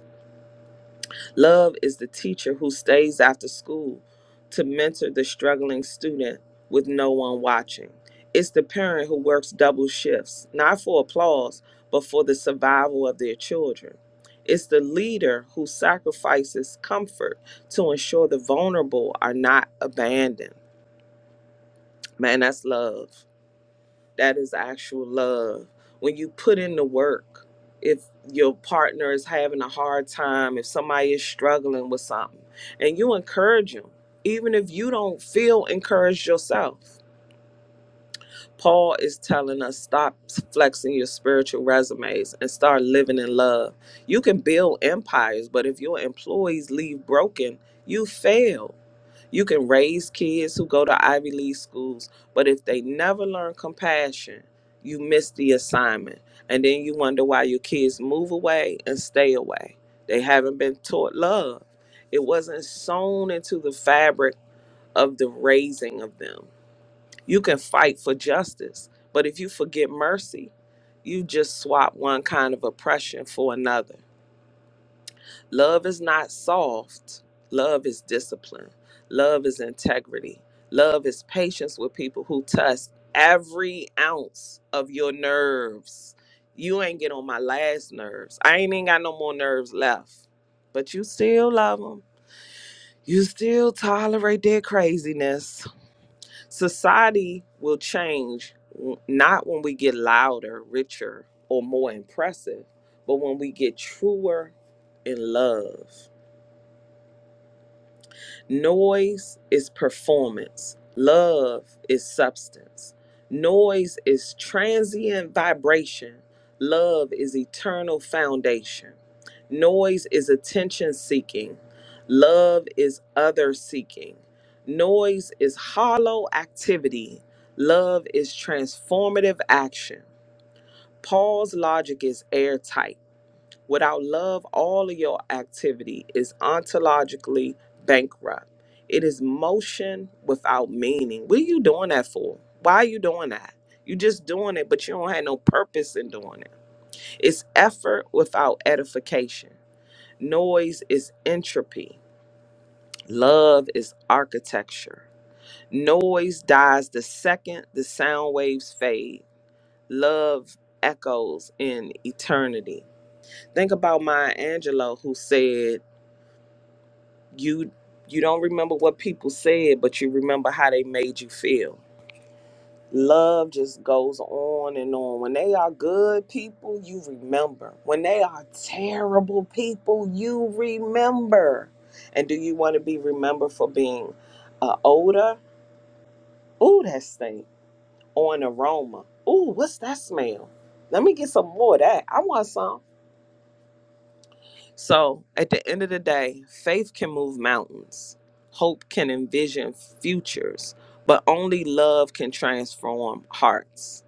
S3: Love is the teacher who stays after school to mentor the struggling student with no one watching. It's the parent who works double shifts, not for applause, but for the survival of their children. It's the leader who sacrifices comfort to ensure the vulnerable are not abandoned. Man, that's love. That is actual love. When you put in the work, if your partner is having a hard time, if somebody is struggling with something, and you encourage them, even if you don't feel encouraged yourself Paul is telling us stop flexing your spiritual resumes and start living in love. You can build empires, but if your employees leave broken, you fail. You can raise kids who go to Ivy League schools, but if they never learn compassion, you miss the assignment. And then you wonder why your kids move away and stay away. They haven't been taught love, it wasn't sewn into the fabric of the raising of them. You can fight for justice, but if you forget mercy, you just swap one kind of oppression for another. Love is not soft, love is discipline, love is integrity, love is patience with people who test every ounce of your nerves. You ain't get on my last nerves. I ain't even got no more nerves left, but you still love them. You still tolerate their craziness Society will change w- not when we get louder, richer, or more impressive, but when we get truer in love. Noise is performance, love is substance. Noise is transient vibration, love is eternal foundation. Noise is attention seeking, love is other seeking. Noise is hollow activity, love is transformative action. Paul's logic is airtight. Without love, all of your activity is ontologically bankrupt. It is motion without meaning. What are you doing that for? Why are you doing that? you just doing it, but you don't have no purpose in doing it. It's effort without edification. Noise is entropy. Love is architecture. Noise dies the second the sound waves fade. Love echoes in eternity. Think about Maya Angelou, who said, you you don't remember what people said but you remember how they made you feel love just goes on and on when they are good people you remember when they are terrible people you remember and do you want to be remembered for being uh, odor ooh that stink or an aroma ooh what's that smell let me get some more of that i want some So at the end of the day, faith can move mountains, hope can envision futures, but only love can transform hearts.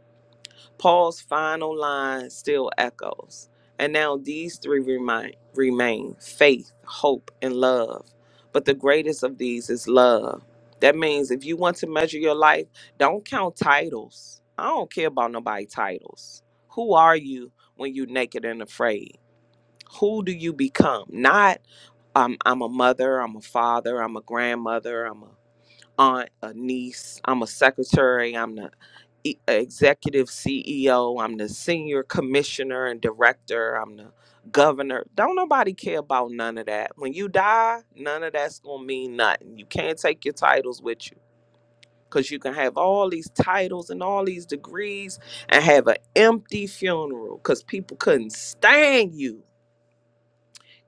S3: Paul's final line still echoes. And now these three remain, remain faith, hope, and love. But the greatest of these is love. That means if you want to measure your life, don't count titles. I don't care about nobody titles. Who are you when you're naked and afraid? who do you become not um, i'm a mother i'm a father i'm a grandmother i'm a aunt a niece i'm a secretary i'm the e- executive ceo i'm the senior commissioner and director i'm the governor don't nobody care about none of that when you die none of that's gonna mean nothing you can't take your titles with you because you can have all these titles and all these degrees and have an empty funeral because people couldn't stand you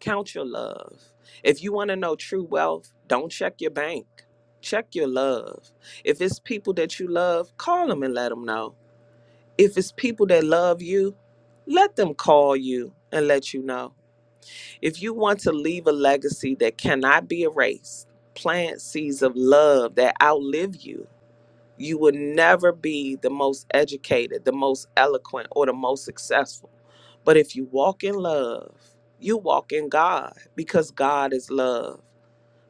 S3: Count your love. If you want to know true wealth, don't check your bank. Check your love. If it's people that you love, call them and let them know. If it's people that love you, let them call you and let you know. If you want to leave a legacy that cannot be erased, plant seeds of love that outlive you you will never be the most educated, the most eloquent, or the most successful. But if you walk in love, you walk in God because God is love.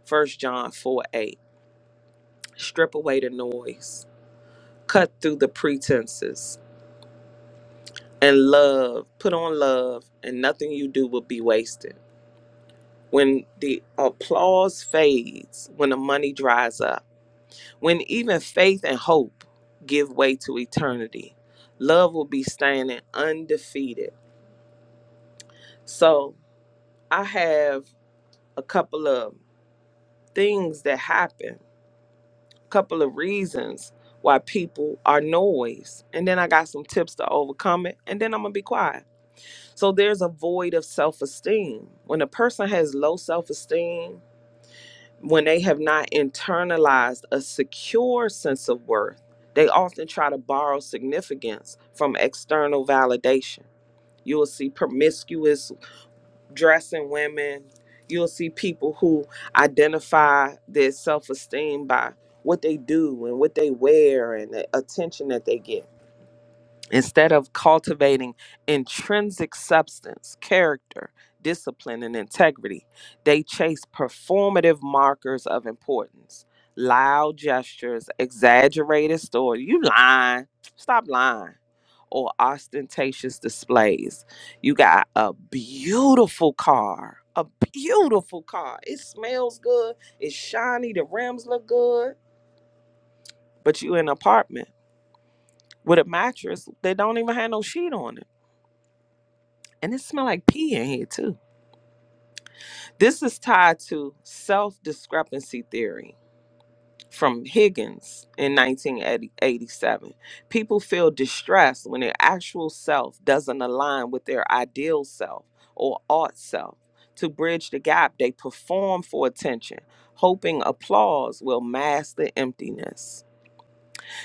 S3: First John 4 8. Strip away the noise, cut through the pretenses, and love, put on love, and nothing you do will be wasted. When the applause fades, when the money dries up, When even faith and hope give way to eternity, love will be standing undefeated. So I have a couple of things that happen, a couple of reasons why people are noise. And then I got some tips to overcome it. And then I'm going to be quiet. So there's a void of self esteem. When a person has low self esteem, when they have not internalized a secure sense of worth, they often try to borrow significance from external validation. You will see promiscuous dressing women. You'll see people who identify their self esteem by what they do and what they wear and the attention that they get. Instead of cultivating intrinsic substance, character, discipline, and integrity, they chase performative markers of importance, loud gestures, exaggerated stories. You lying. Stop lying. Or ostentatious displays. You got a beautiful car. A beautiful car. It smells good. It's shiny. The rims look good. But you in an apartment with a mattress that don't even have no sheet on it And it smelled like pee in here too. This is tied to self discrepancy theory from Higgins in 1987. People feel distressed when their actual self doesn't align with their ideal self or ought self. To bridge the gap, they perform for attention, hoping applause will mask the emptiness.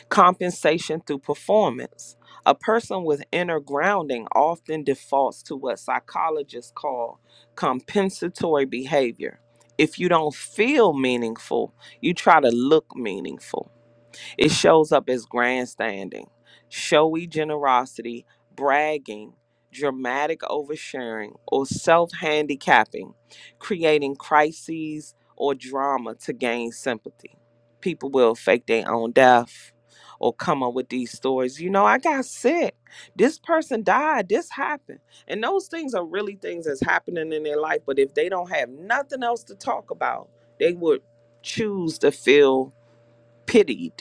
S3: Compensation through performance. A person with inner grounding often defaults to what psychologists call compensatory behavior. If you don't feel meaningful, you try to look meaningful. It shows up as grandstanding, showy generosity, bragging, dramatic oversharing, or self handicapping, creating crises or drama to gain sympathy. People will fake their own death or come up with these stories. You know, I got sick. This person died. This happened. And those things are really things that's happening in their life. But if they don't have nothing else to talk about, they would choose to feel pitied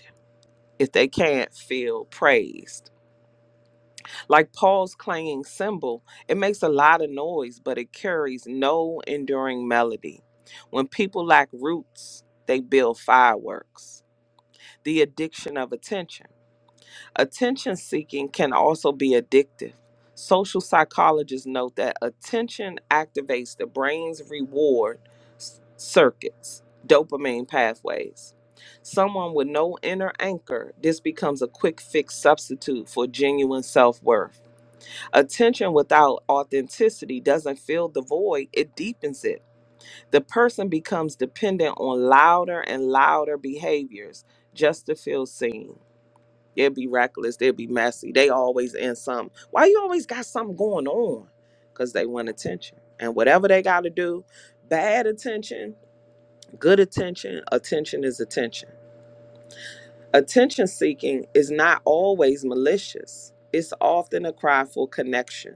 S3: if they can't feel praised. Like Paul's clanging cymbal, it makes a lot of noise, but it carries no enduring melody. When people lack roots, they build fireworks. The addiction of attention. Attention seeking can also be addictive. Social psychologists note that attention activates the brain's reward s- circuits, dopamine pathways. Someone with no inner anchor, this becomes a quick fix substitute for genuine self worth. Attention without authenticity doesn't fill the void, it deepens it. The person becomes dependent on louder and louder behaviors just to feel seen. They'll be reckless. They'll be messy. They always in something. Why you always got something going on? Because they want attention. And whatever they got to do, bad attention, good attention, attention is attention. Attention seeking is not always malicious, it's often a cry for connection.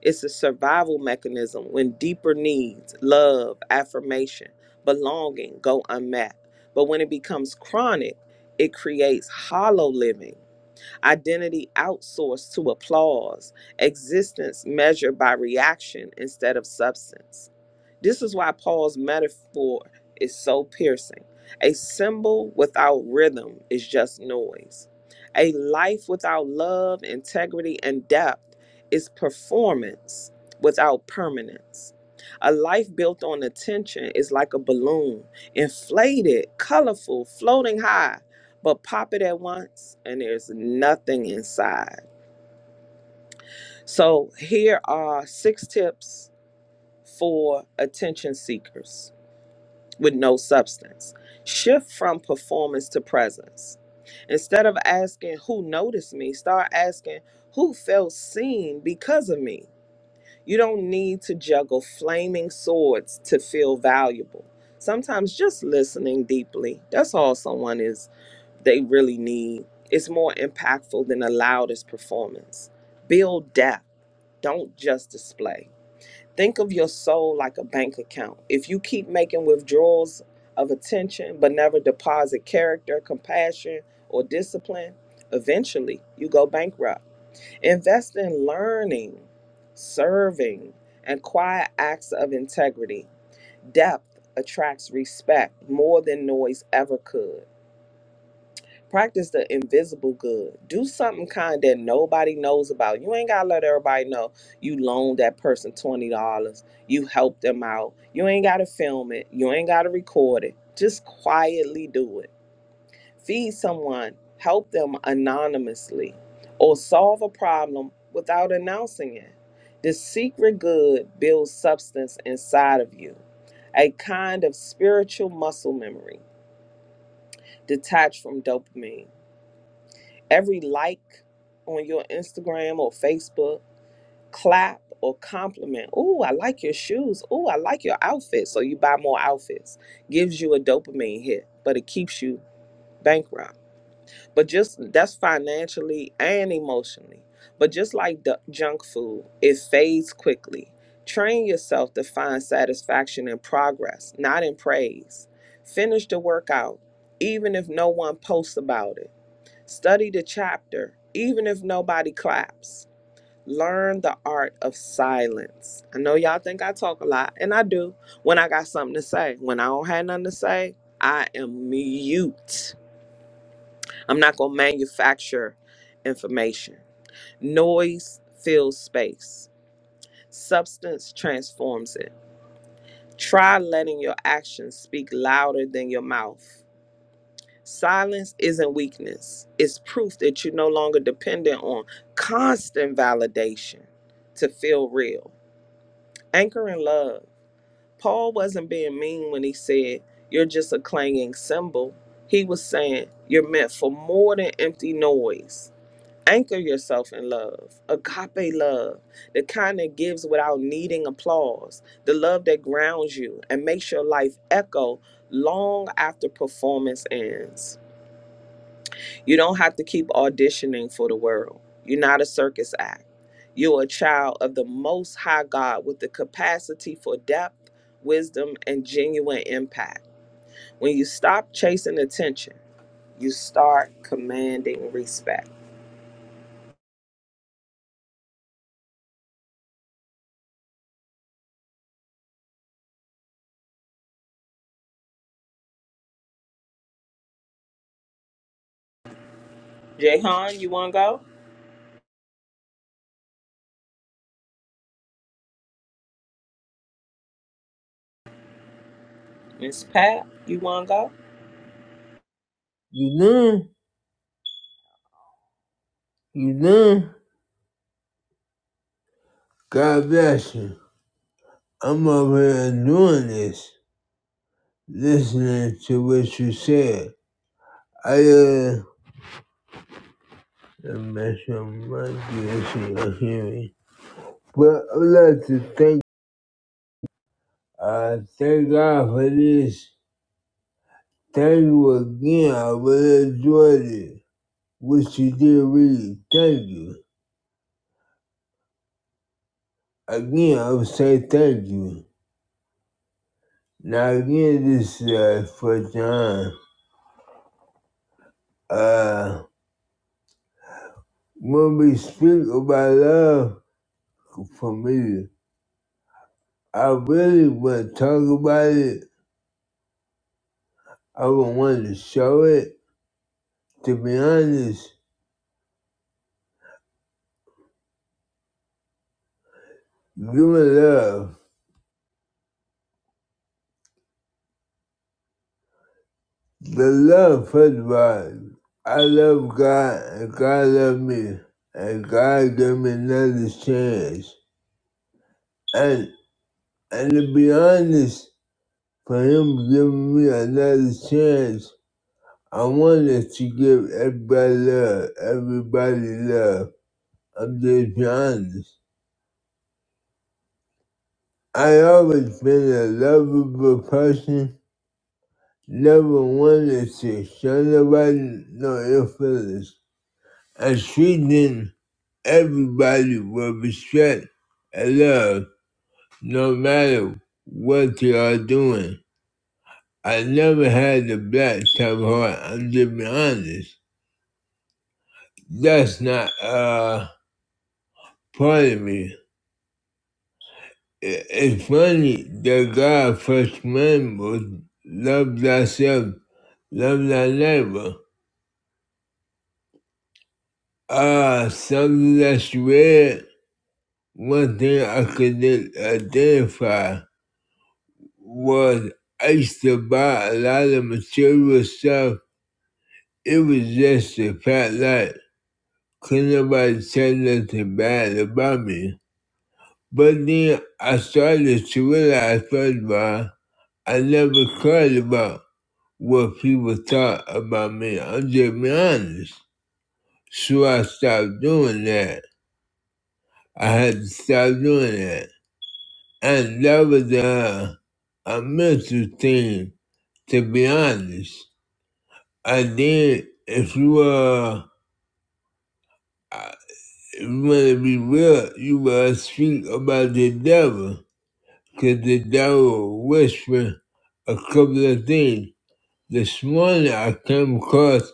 S3: It's a survival mechanism when deeper needs, love, affirmation, belonging go unmet. But when it becomes chronic, it creates hollow living identity outsourced to applause, existence measured by reaction instead of substance. This is why Paul's metaphor is so piercing. A symbol without rhythm is just noise. A life without love, integrity, and depth is performance without permanence. A life built on attention is like a balloon, inflated, colorful, floating high, but pop it at once and there's nothing inside. So here are six tips for attention seekers with no substance. Shift from performance to presence. Instead of asking who noticed me, start asking who felt seen because of me. You don't need to juggle flaming swords to feel valuable. Sometimes just listening deeply, that's all someone is they really need. It's more impactful than the loudest performance. Build depth, don't just display. Think of your soul like a bank account. If you keep making withdrawals of attention but never deposit character, compassion, or discipline, eventually you go bankrupt. Invest in learning, serving, and quiet acts of integrity. Depth attracts respect more than noise ever could practice the invisible good. Do something kind that nobody knows about. You ain't gotta let everybody know you loaned that person twenty dollars. You helped them out. You ain't gotta film it. You ain't gotta record it. Just quietly do it. Feed someone. Help them anonymously, or solve a problem without announcing it. The secret good builds substance inside of you, a kind of spiritual muscle memory detached from dopamine every like on your Instagram or Facebook, clap or compliment. Ooh, I like your shoes. Ooh, I like your outfit. So you buy more outfits. Gives you a dopamine hit, but it keeps you bankrupt. But just that's financially and emotionally. But just like the junk food, it fades quickly. Train yourself to find satisfaction in progress, not in praise. Finish the workout, even if no one posts about it Study the chapter, even if nobody claps. Learn the art of silence. I know y'all think I talk a lot, and I do when I got something to say. When I don't have nothing to say, I am mute. I'm not going to manufacture information. Noise fills space, substance transforms it. Try letting your actions speak louder than your mouth. Silence isn't weakness, it's proof that you're no longer dependent on constant validation to feel real. Anchor in love. Paul wasn't being mean when he said, You're just a clanging cymbal. He was saying, You're meant for more than empty noise. Anchor yourself in love, agape love, the kind that gives without needing applause, the love that grounds you and makes your life echo long after performance ends. You don't have to keep auditioning for the world. You're not a circus act. You're a child of the Most High God with the capacity for depth, wisdom, and genuine impact. When you stop chasing attention, you start commanding respect. Jayhan, you want to go? Miss Pat, you want to go?
S2: You done? you done? God bless you. I'm over here doing this. listening to what you said. I uh, I'm not sure my DSC are hearing. But I'd like to thank uh thank God for this. Thank you again. I really enjoyed it. What you did really. Thank you. Again, I would say thank you. Now again, this is uh, for John. Uh, when we speak about love for me, I really want to talk about it I would want to show it. To be honest, give it love. The love for the Bible. I love God and God loved me. And God gave me another chance. And and to be honest, for him giving me another chance, I wanted to give everybody love, everybody love. I'm just being honest. I always been a lovable person Level one is to show nobody know your feelings and treating everybody with respect and love, no matter what they are doing. I never had a black type of heart, I'm just being honest. That's not uh part of me. I- It's funny that God first commandment was love thyself, love thy neighbor. Uh something that's read One thing I could identify was I used to buy a lot of material stuff. It was just a fact that could nobody say nothing bad about me. But then I started to realize, first of all, I never cared about what people thought about me. I'm just being honest. So I stopped doing that. I had to stop doing that. And that was a, a mental thing to be honest. I did. If you are, if you want to be real, you gotta speak about the devil, cause the devil whispered a couple of things. This morning I came across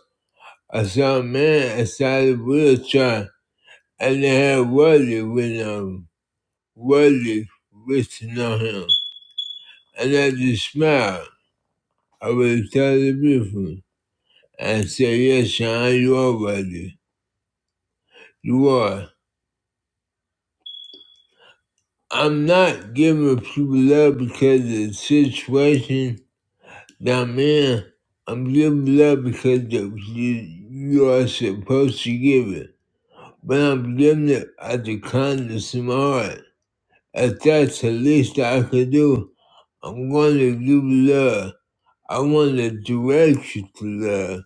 S2: I saw a man inside a wheelchair, and they had worldly with um worldly written on him, and I just smiled. I was totally beautiful and I said, "Yes, Sean, you are worthy. You are." I'm not giving people love because of the situation that I'm in. I'm giving love because that you, you are supposed to give it. But I'm giving it out of kindness in my heart. If that's the least I could do, I'm going to give love. I want to direct you to love.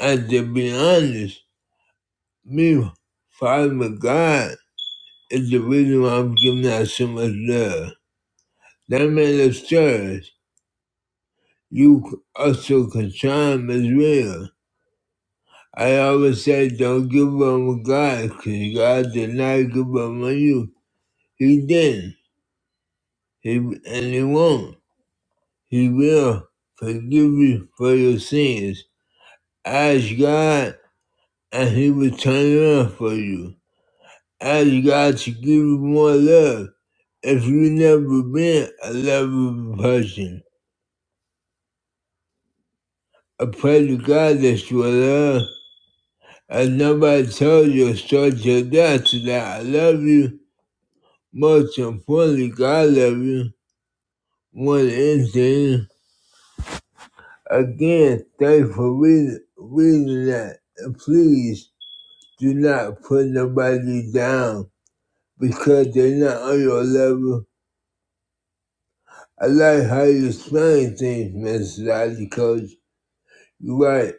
S2: And to be honest, me, Father God, is the reason why I'm giving out so much love. That man upstairs. You also can time as well. I always said don't give up on God because God did not give up on you. He did. He, and he won't. He will forgive you for your sins. Ask God and he will turn it around for you. Ask God to give you more love if you have never been a lovable person. I pray to God that you will love And nobody told you a your till death That I love you. Most importantly, God love you more than anything. Again, thank for reading, reading that. And please do not put nobody down because they're not on your level. I like how you explain things, Mr. Dodgy Coach. You're right.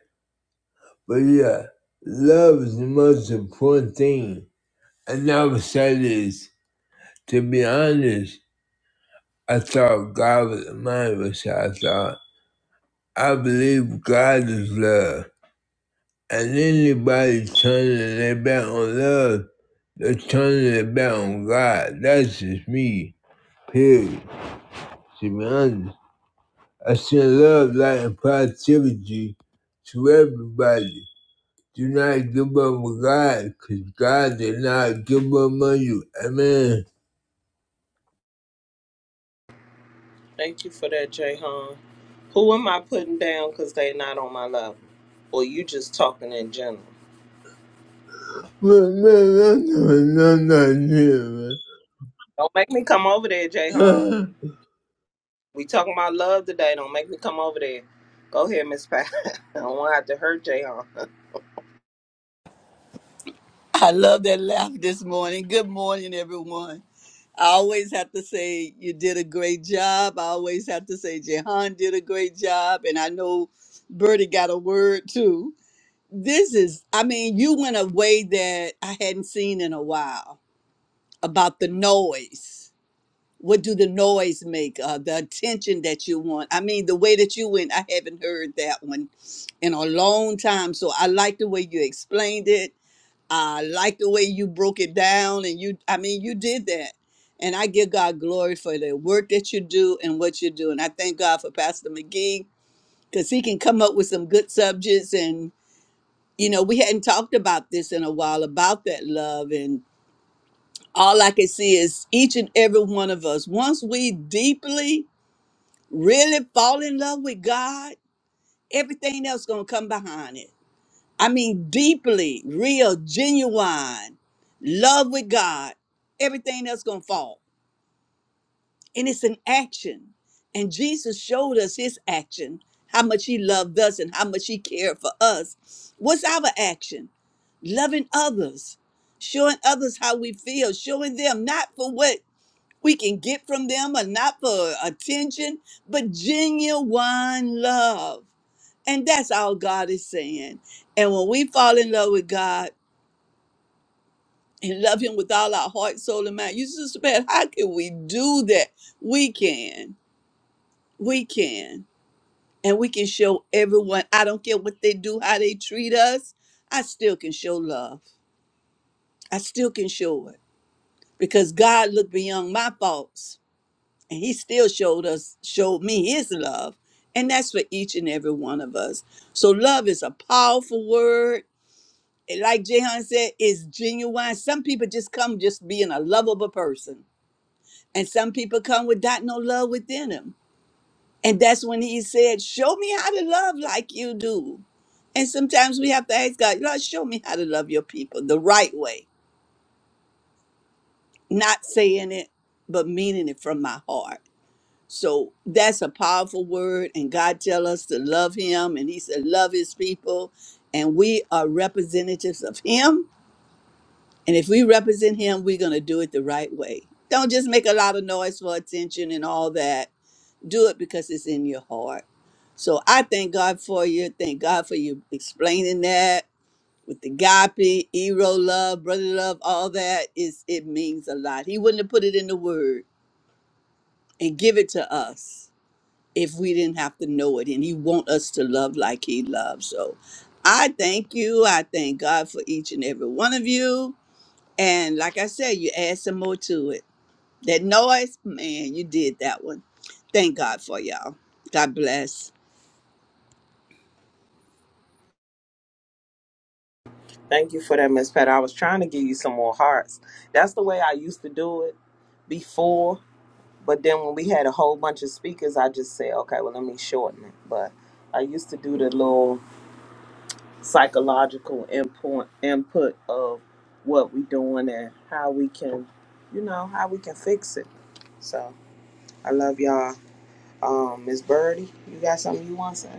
S2: But yeah, love is the most important thing. I never say this, to be honest. I thought God was mine was how I thought. I believe God is love. And anybody turning their back on love, they're turning their back on God. That's just me. Period. To be honest. I send love, light, and positivity to everybody. Do not give up on God, because God did not give up on you. Amen.
S3: Thank you for that, Jayhan. Who am I putting down because they not on my level? Or you just talking in general?
S2: Man, man, that's not- that's not it,
S3: Don't make me come over there, Jayhan.
S2: man.
S3: We talking about love today. Don't make me come over there. Go ahead, Miss Pat. I don't want to have to hurt Jay on.
S4: I love that laugh this morning. Good morning, everyone. I always have to say you did a great job. I always have to say Jehan did a great job, and I know Bertie got a word too. This is, I mean, you went a way that I hadn't seen in a while about the noise. What do the noise make? Uh, the attention that you want. I mean, the way that you went, I haven't heard that one in a long time. So I like the way you explained it. I like the way you broke it down and you I mean you did that. And I give God glory for the work that you do and what you do. And I thank God for Pastor McGee because he can come up with some good subjects. And, you know, we hadn't talked about this in a while about that love. And all I can see is each and every one of us, once we deeply really fall in love with God, everything else going to come behind it I mean, deeply, real, genuine love with God, everything else gonna fall. And it's an action. And Jesus showed us his action, how much he loved us and how much he cared for us. What's our action? Loving others, showing others how we feel, showing them not for what we can get from them or not for attention, but genuine love. And that's all God is saying. And when we fall in love with God, and love him with all our heart, soul, and mind. You say, Sister Pat, how can we do that? We can. We can. And we can show everyone, I don't care what they do, how they treat us, I still can show love. I still can show it. Because God looked beyond my faults and he still showed us, showed me his love. And that's for each and every one of us. So love is a powerful word. And Like Jehan said, it's genuine. Some people just come just being a lovable person And some people come with not no love within them. And that's when he said, Show me how to love like you do. And sometimes we have to ask God, Lord, show me how to love your people the right way, not saying it, but meaning it from my heart. So that's a powerful word. And God tell us to love him. And he said, Love his people. And we are representatives of him. And if we represent him, we're going to do it the right way. Don't just make a lot of noise for attention and all that Do it because it's in your heart. So I thank God for you. Thank God for you explaining that with the agape, ero love, brother love, all that is it means a lot. He wouldn't have put it in the word and give it to us if we didn't have to know it. And he want us to love like he loves. So I thank you. I thank God for each and every one of you. And like I said, you add some more to it. That noise, man, you did that one. Thank God for y'all. God bless.
S3: Thank you for that, Miss Pat. I was trying to give you some more hearts. That's the way I used to do it before. But then when we had a whole bunch of speakers, I just said, okay, well, let me shorten it. But I used to do the little psychological input, input of what we doing and how we can, you know, how we can fix it. So I love y'all. Um, Miss Birdie, you got something you want to say?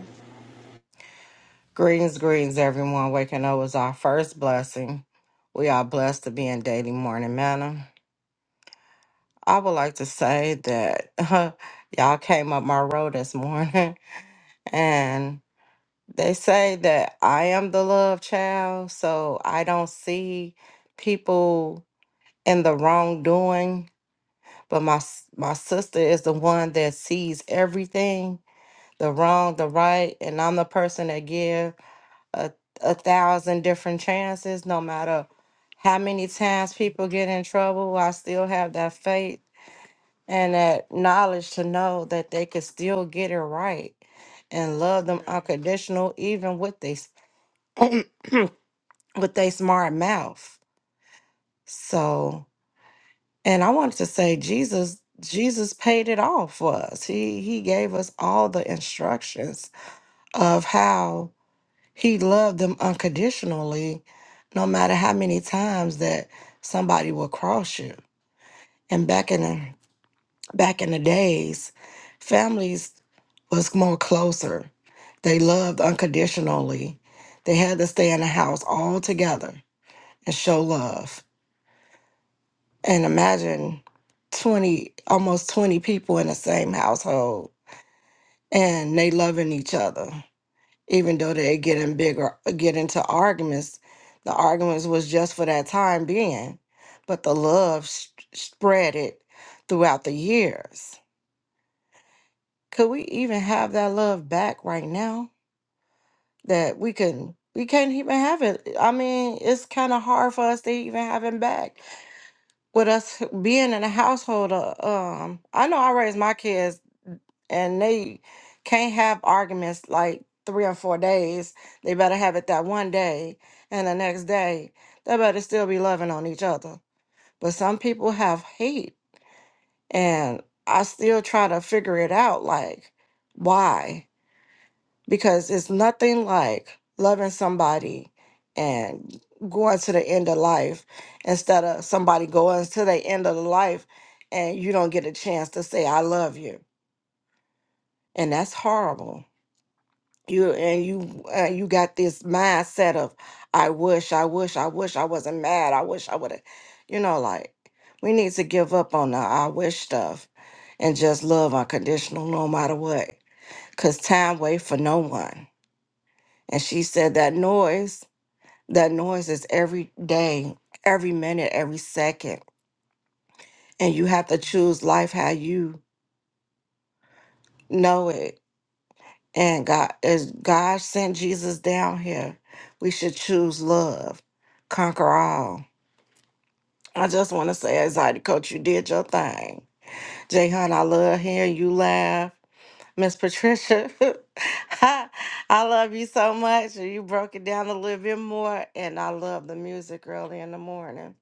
S5: Greetings, greetings, everyone. Waking up was our first blessing. We are blessed to be in daily morning manna. I would like to say that y'all came up my road this morning, and they say that I am the love child, so I don't see people in the wrongdoing. But my s- my sister is the one that sees everything, the wrong, the right, and I'm the person that give. a, a thousand different chances, no matter how many times people get in trouble, I still have that faith and that knowledge to know that they could still get it right and love them unconditional, even with they s- with they smart mouth. So, and I wanted to say, Jesus, Jesus paid it all for us. He he gave us all the instructions of how He loved them unconditionally, no matter how many times that somebody will cross you. And back in the back in the days, families was more closer. They loved unconditionally. They had to stay in the house all together and show love. And imagine 20, almost 20 people in the same household and they loving each other. even though they get in bigger get into arguments the arguments was just for that time being but the love s- spread it throughout the years could we even have that love back right now that we can we can't even have it i mean it's kind of hard for us to even have it back with us being in a household of, um i know i raised my kids and they can't have arguments like three or four days. They better have it that one day, and the next day they better still be loving on each other. But some people have hate, and I still try to figure it out like why? Because it's nothing like loving somebody and going to the end of life instead of somebody going to the end of the life and you don't get a chance to say I love you. And that's horrible you and you uh, you got this mindset of i wish i wish i wish i wasn't mad i wish i would have you know like we need to give up on the i wish stuff and just love unconditional no matter what because time waits for no one and she said that noise that noise is every day every minute every second and you have to choose life how you know it And God, as God sent Jesus down here, we should choose love, conquer all. I just want to say, anxiety coach, you did your thing. Jay Hunt, I love hearing you laugh. Miss Patricia, I love you so much. You broke it down a little bit more, and I love the music early in the morning.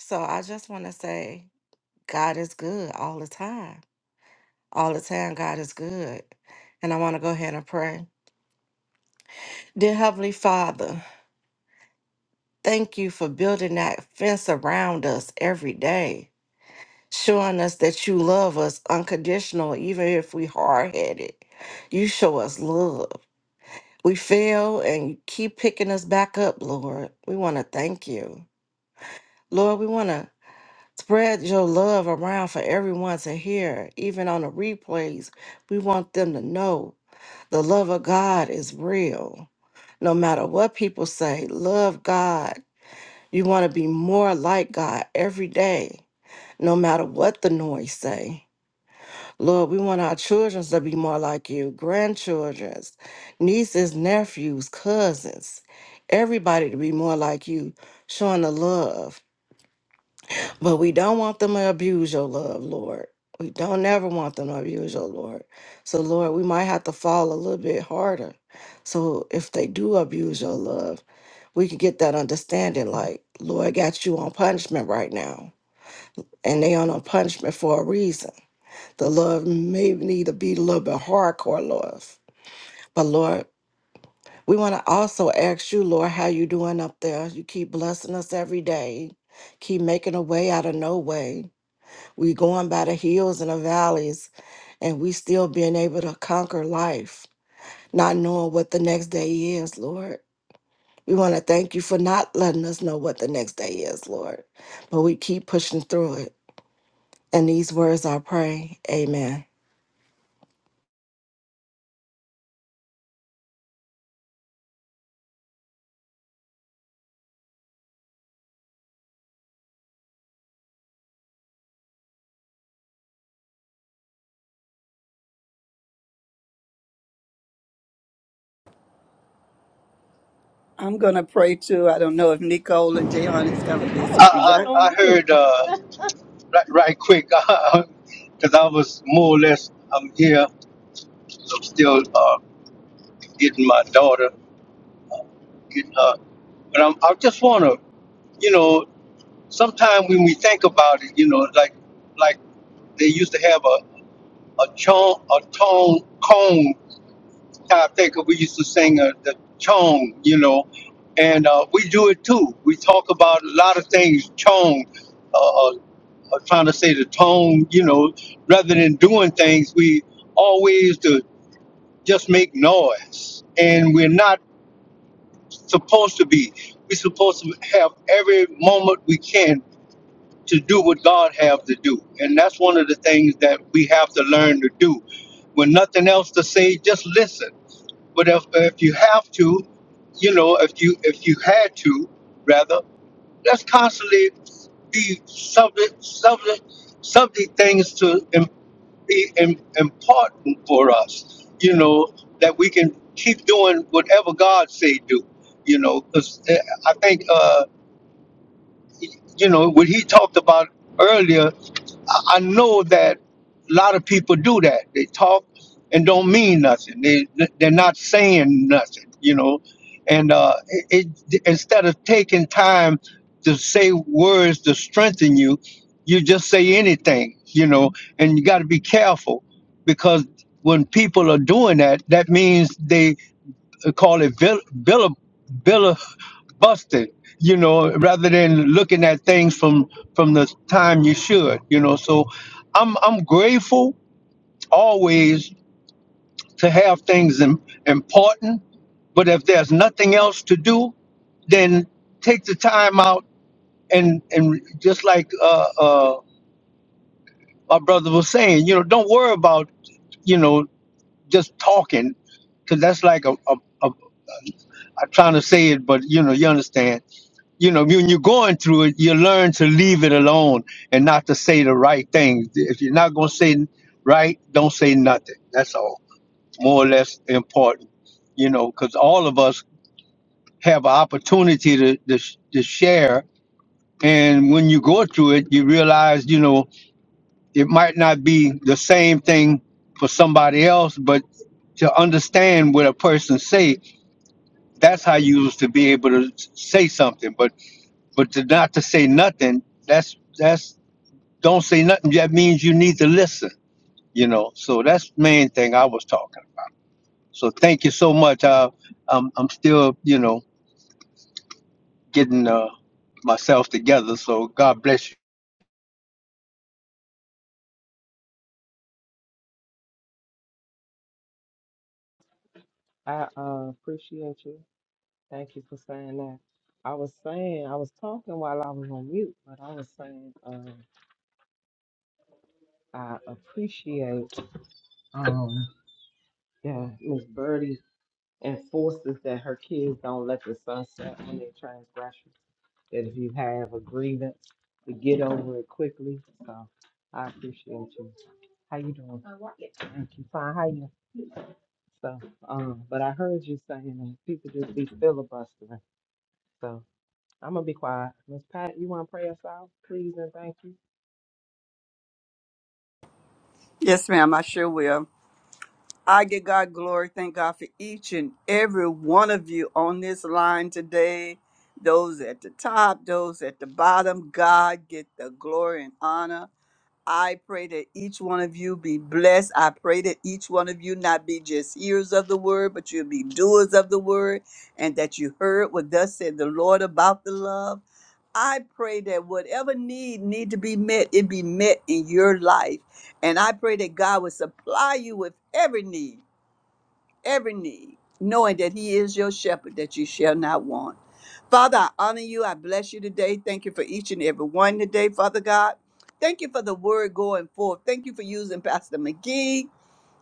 S5: So I just want to say, God is good all the time. All the time, God is good. And I want to go ahead and pray. Dear Heavenly Father, Thank you for building that fence around us every day, showing us that you love us unconditional, even if we hard headed. You show us love. We fail and you keep picking us back up, Lord. We want to thank you. Lord, we want to spread your love around for everyone to hear, even on the replays. We want them to know the love of God is real. No matter what people say, love God You want to be more like God every day, no matter what the noise say. Lord, we want our children to be more like you, grandchildrens, nieces, nephews, cousins, everybody to be more like you, showing the love. But we don't want them to abuse your love, Lord. We don't ever want them to abuse your Lord. So, Lord, we might have to fall a little bit harder. So, if they do abuse your love, we can get that understanding like, Lord, I got you on punishment right now and they on a punishment for a reason. The love may need to be a little bit hardcore love. But Lord, we want to also ask you, Lord, how you doing up there? You keep blessing us every day. Keep making a way out of no way. We going by the hills and the valleys, and we still being able to conquer life, not knowing what the next day is, Lord. We want to thank you for not letting us know what the next day is, Lord. But we keep pushing through it. And these words I pray. Amen.
S4: I'm gonna pray too. I don't know if Nicole or Jehan is kind of
S3: I
S1: I,
S4: busy.
S3: was
S4: She
S1: I,
S3: talking
S4: got.
S3: on
S1: I
S3: mute.
S1: heard uh, right, right quick because I was more or less I'm here. I'm still uh, getting my daughter, getting her, but I'm, I just want to, you know. sometimes when we think about it, you know, like like they used to have a a chong a tone cone type thing. 'cause We used to sing uh the chong, you know, and uh, we do it too. We talk about a lot of things chong, uh, uh, uh, trying to say the tone, you know, rather than doing things, we always to just make noise, and we're not supposed to be. We're supposed to have every moment we can to do what God have to do. And that's one of the things that we have to learn to do. When nothing else to say, just listen. But if, if you have to, you know, if you if you had to, rather, let's constantly be subject subject subject things to im- be im- important for us. You know that we can keep doing whatever God say do. You know, because I think uh, you know what he talked about earlier I I know that a lot of people do that. They talk and don't mean nothing. They they're not saying nothing, you know. And uh, it, it instead of taking time to say words to strengthen you, you just say anything, you know. And you got to be careful because when people are doing that, that means they uh, call it vil- villa, villa busted, you know, rather than looking at things from from the time you should, you know. So I'm I'm grateful always to have things im- important, but if there's nothing else to do, then take the time out and and just like uh, uh, my brother was saying, you know, don't worry about you know just talking, because that's like a, a, a I'm trying to say it, but you know you understand you know, when you're going through it, you learn to leave it alone and not to say the right thing. If you're not going to say right, don't say nothing. That's all. It's more or less important, you know, because all of us have an opportunity to, to, to share. And when you go through it, you realize, you know, it might not be the same thing for somebody else, but to understand what a person say, that's how you used to be able to say something. But But to not to say nothing, that's that's don't say nothing. That means you need to listen. You know, so that's the main thing I was talking. So thank you so much. I, I'm I'm still you know getting uh, myself together. So God bless you.
S3: I uh, appreciate you. Thank you for saying that. I was saying I was talking while I was on mute, but I was saying uh, I appreciate um yeah Miss Birdie enforces that her kids don't let the sun set on their transgressions. That if you have a grievance, to get over it quickly. So I appreciate you. How you doing? Thank you. Fine. How you? So um, but I heard you saying that people just be filibustering. So, I'm gonna be quiet. Miss Pat, you wanna pray us out, please and thank you.
S4: Yes, ma'am. I sure will. I give God glory. Thank God for each and every one of you on this line today. Those at the top, those at the bottom. God get the glory and honor. I pray that each one of you be blessed. I pray that each one of you not be just hearers of the word, but you'll be doers of the word, and that you heard what thus said the Lord about the love. I pray that whatever need need to be met, it be met in your life. And I pray that God will supply you with every need, every need, knowing that He is your shepherd, that you shall not want. Father, I honor you. I bless you today. Thank you for each and every one today, Father God. Thank you for the word going forth. Thank you for using Pastor McGee.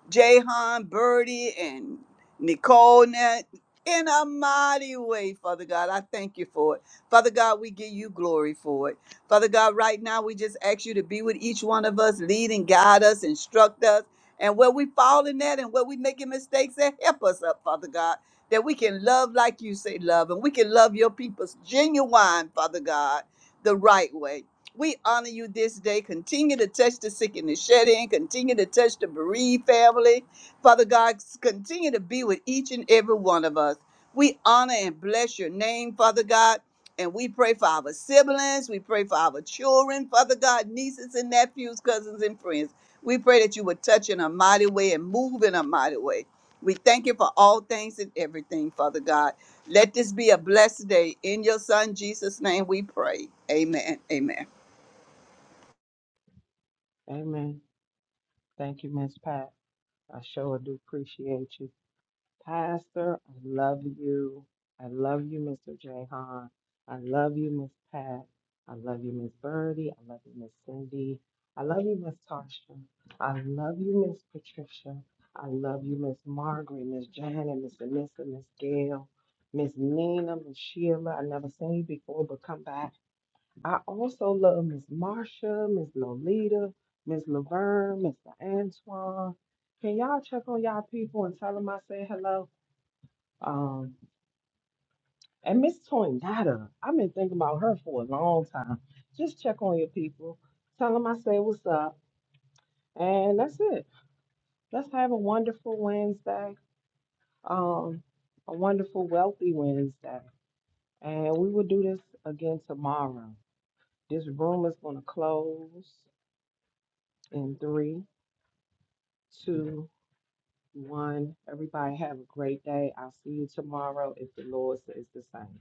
S4: Jahan, Birdie, and Nicole now, in a mighty way, Father God. I thank you for it. Father God, we give you glory for it. Father God, right now we just ask you to be with each one of us, lead and guide us, instruct us. And where we fall in that and where we making mistakes, that help us up, Father God, that we can love like you say love, and we can love your people's genuine, Father God, the right way. We honor you this day. Continue to touch the sick and the shed in. Continue to touch the bereaved family. Father God, continue to be with each and every one of us. We honor and bless your name, Father God. And we pray for our siblings. We pray for our children, Father God, nieces and nephews, cousins and friends. We pray that you would touch in a mighty way and move in a mighty way. We thank you for all things and everything, Father God. Let this be a blessed day. In your Son, Jesus' name, we pray. Amen. Amen.
S3: Amen. Thank you, Miss Pat. I sure do appreciate you. Pastor, I love you. I love you, Mr. Jahan. I love you, Miss Pat. I love you, Miss Birdie. I love you, Miss Cindy. I love you, Miss Tarsha. I love you, Miss Patricia. I love you, Miss Margaret, Miss Janet, Miss Anissa, Miss Gail, Miss Nina, Miss Sheila. I never seen you before, but come back. I also love Miss Marsha, Miss Lolita, Miss Laverne, Mr. Antoine. Can y'all check on y'all people and tell them I said hello? Um, and Miss Toynata, I've been thinking about her for a long time. Just check on your people. Tell them I said what's up. And that's it. Let's have a wonderful Wednesday. Um, a wonderful, wealthy Wednesday. And we will do this again tomorrow. This room is going to close in three, two, one. Everybody have a great day. I'll see you tomorrow if the Lord says the same.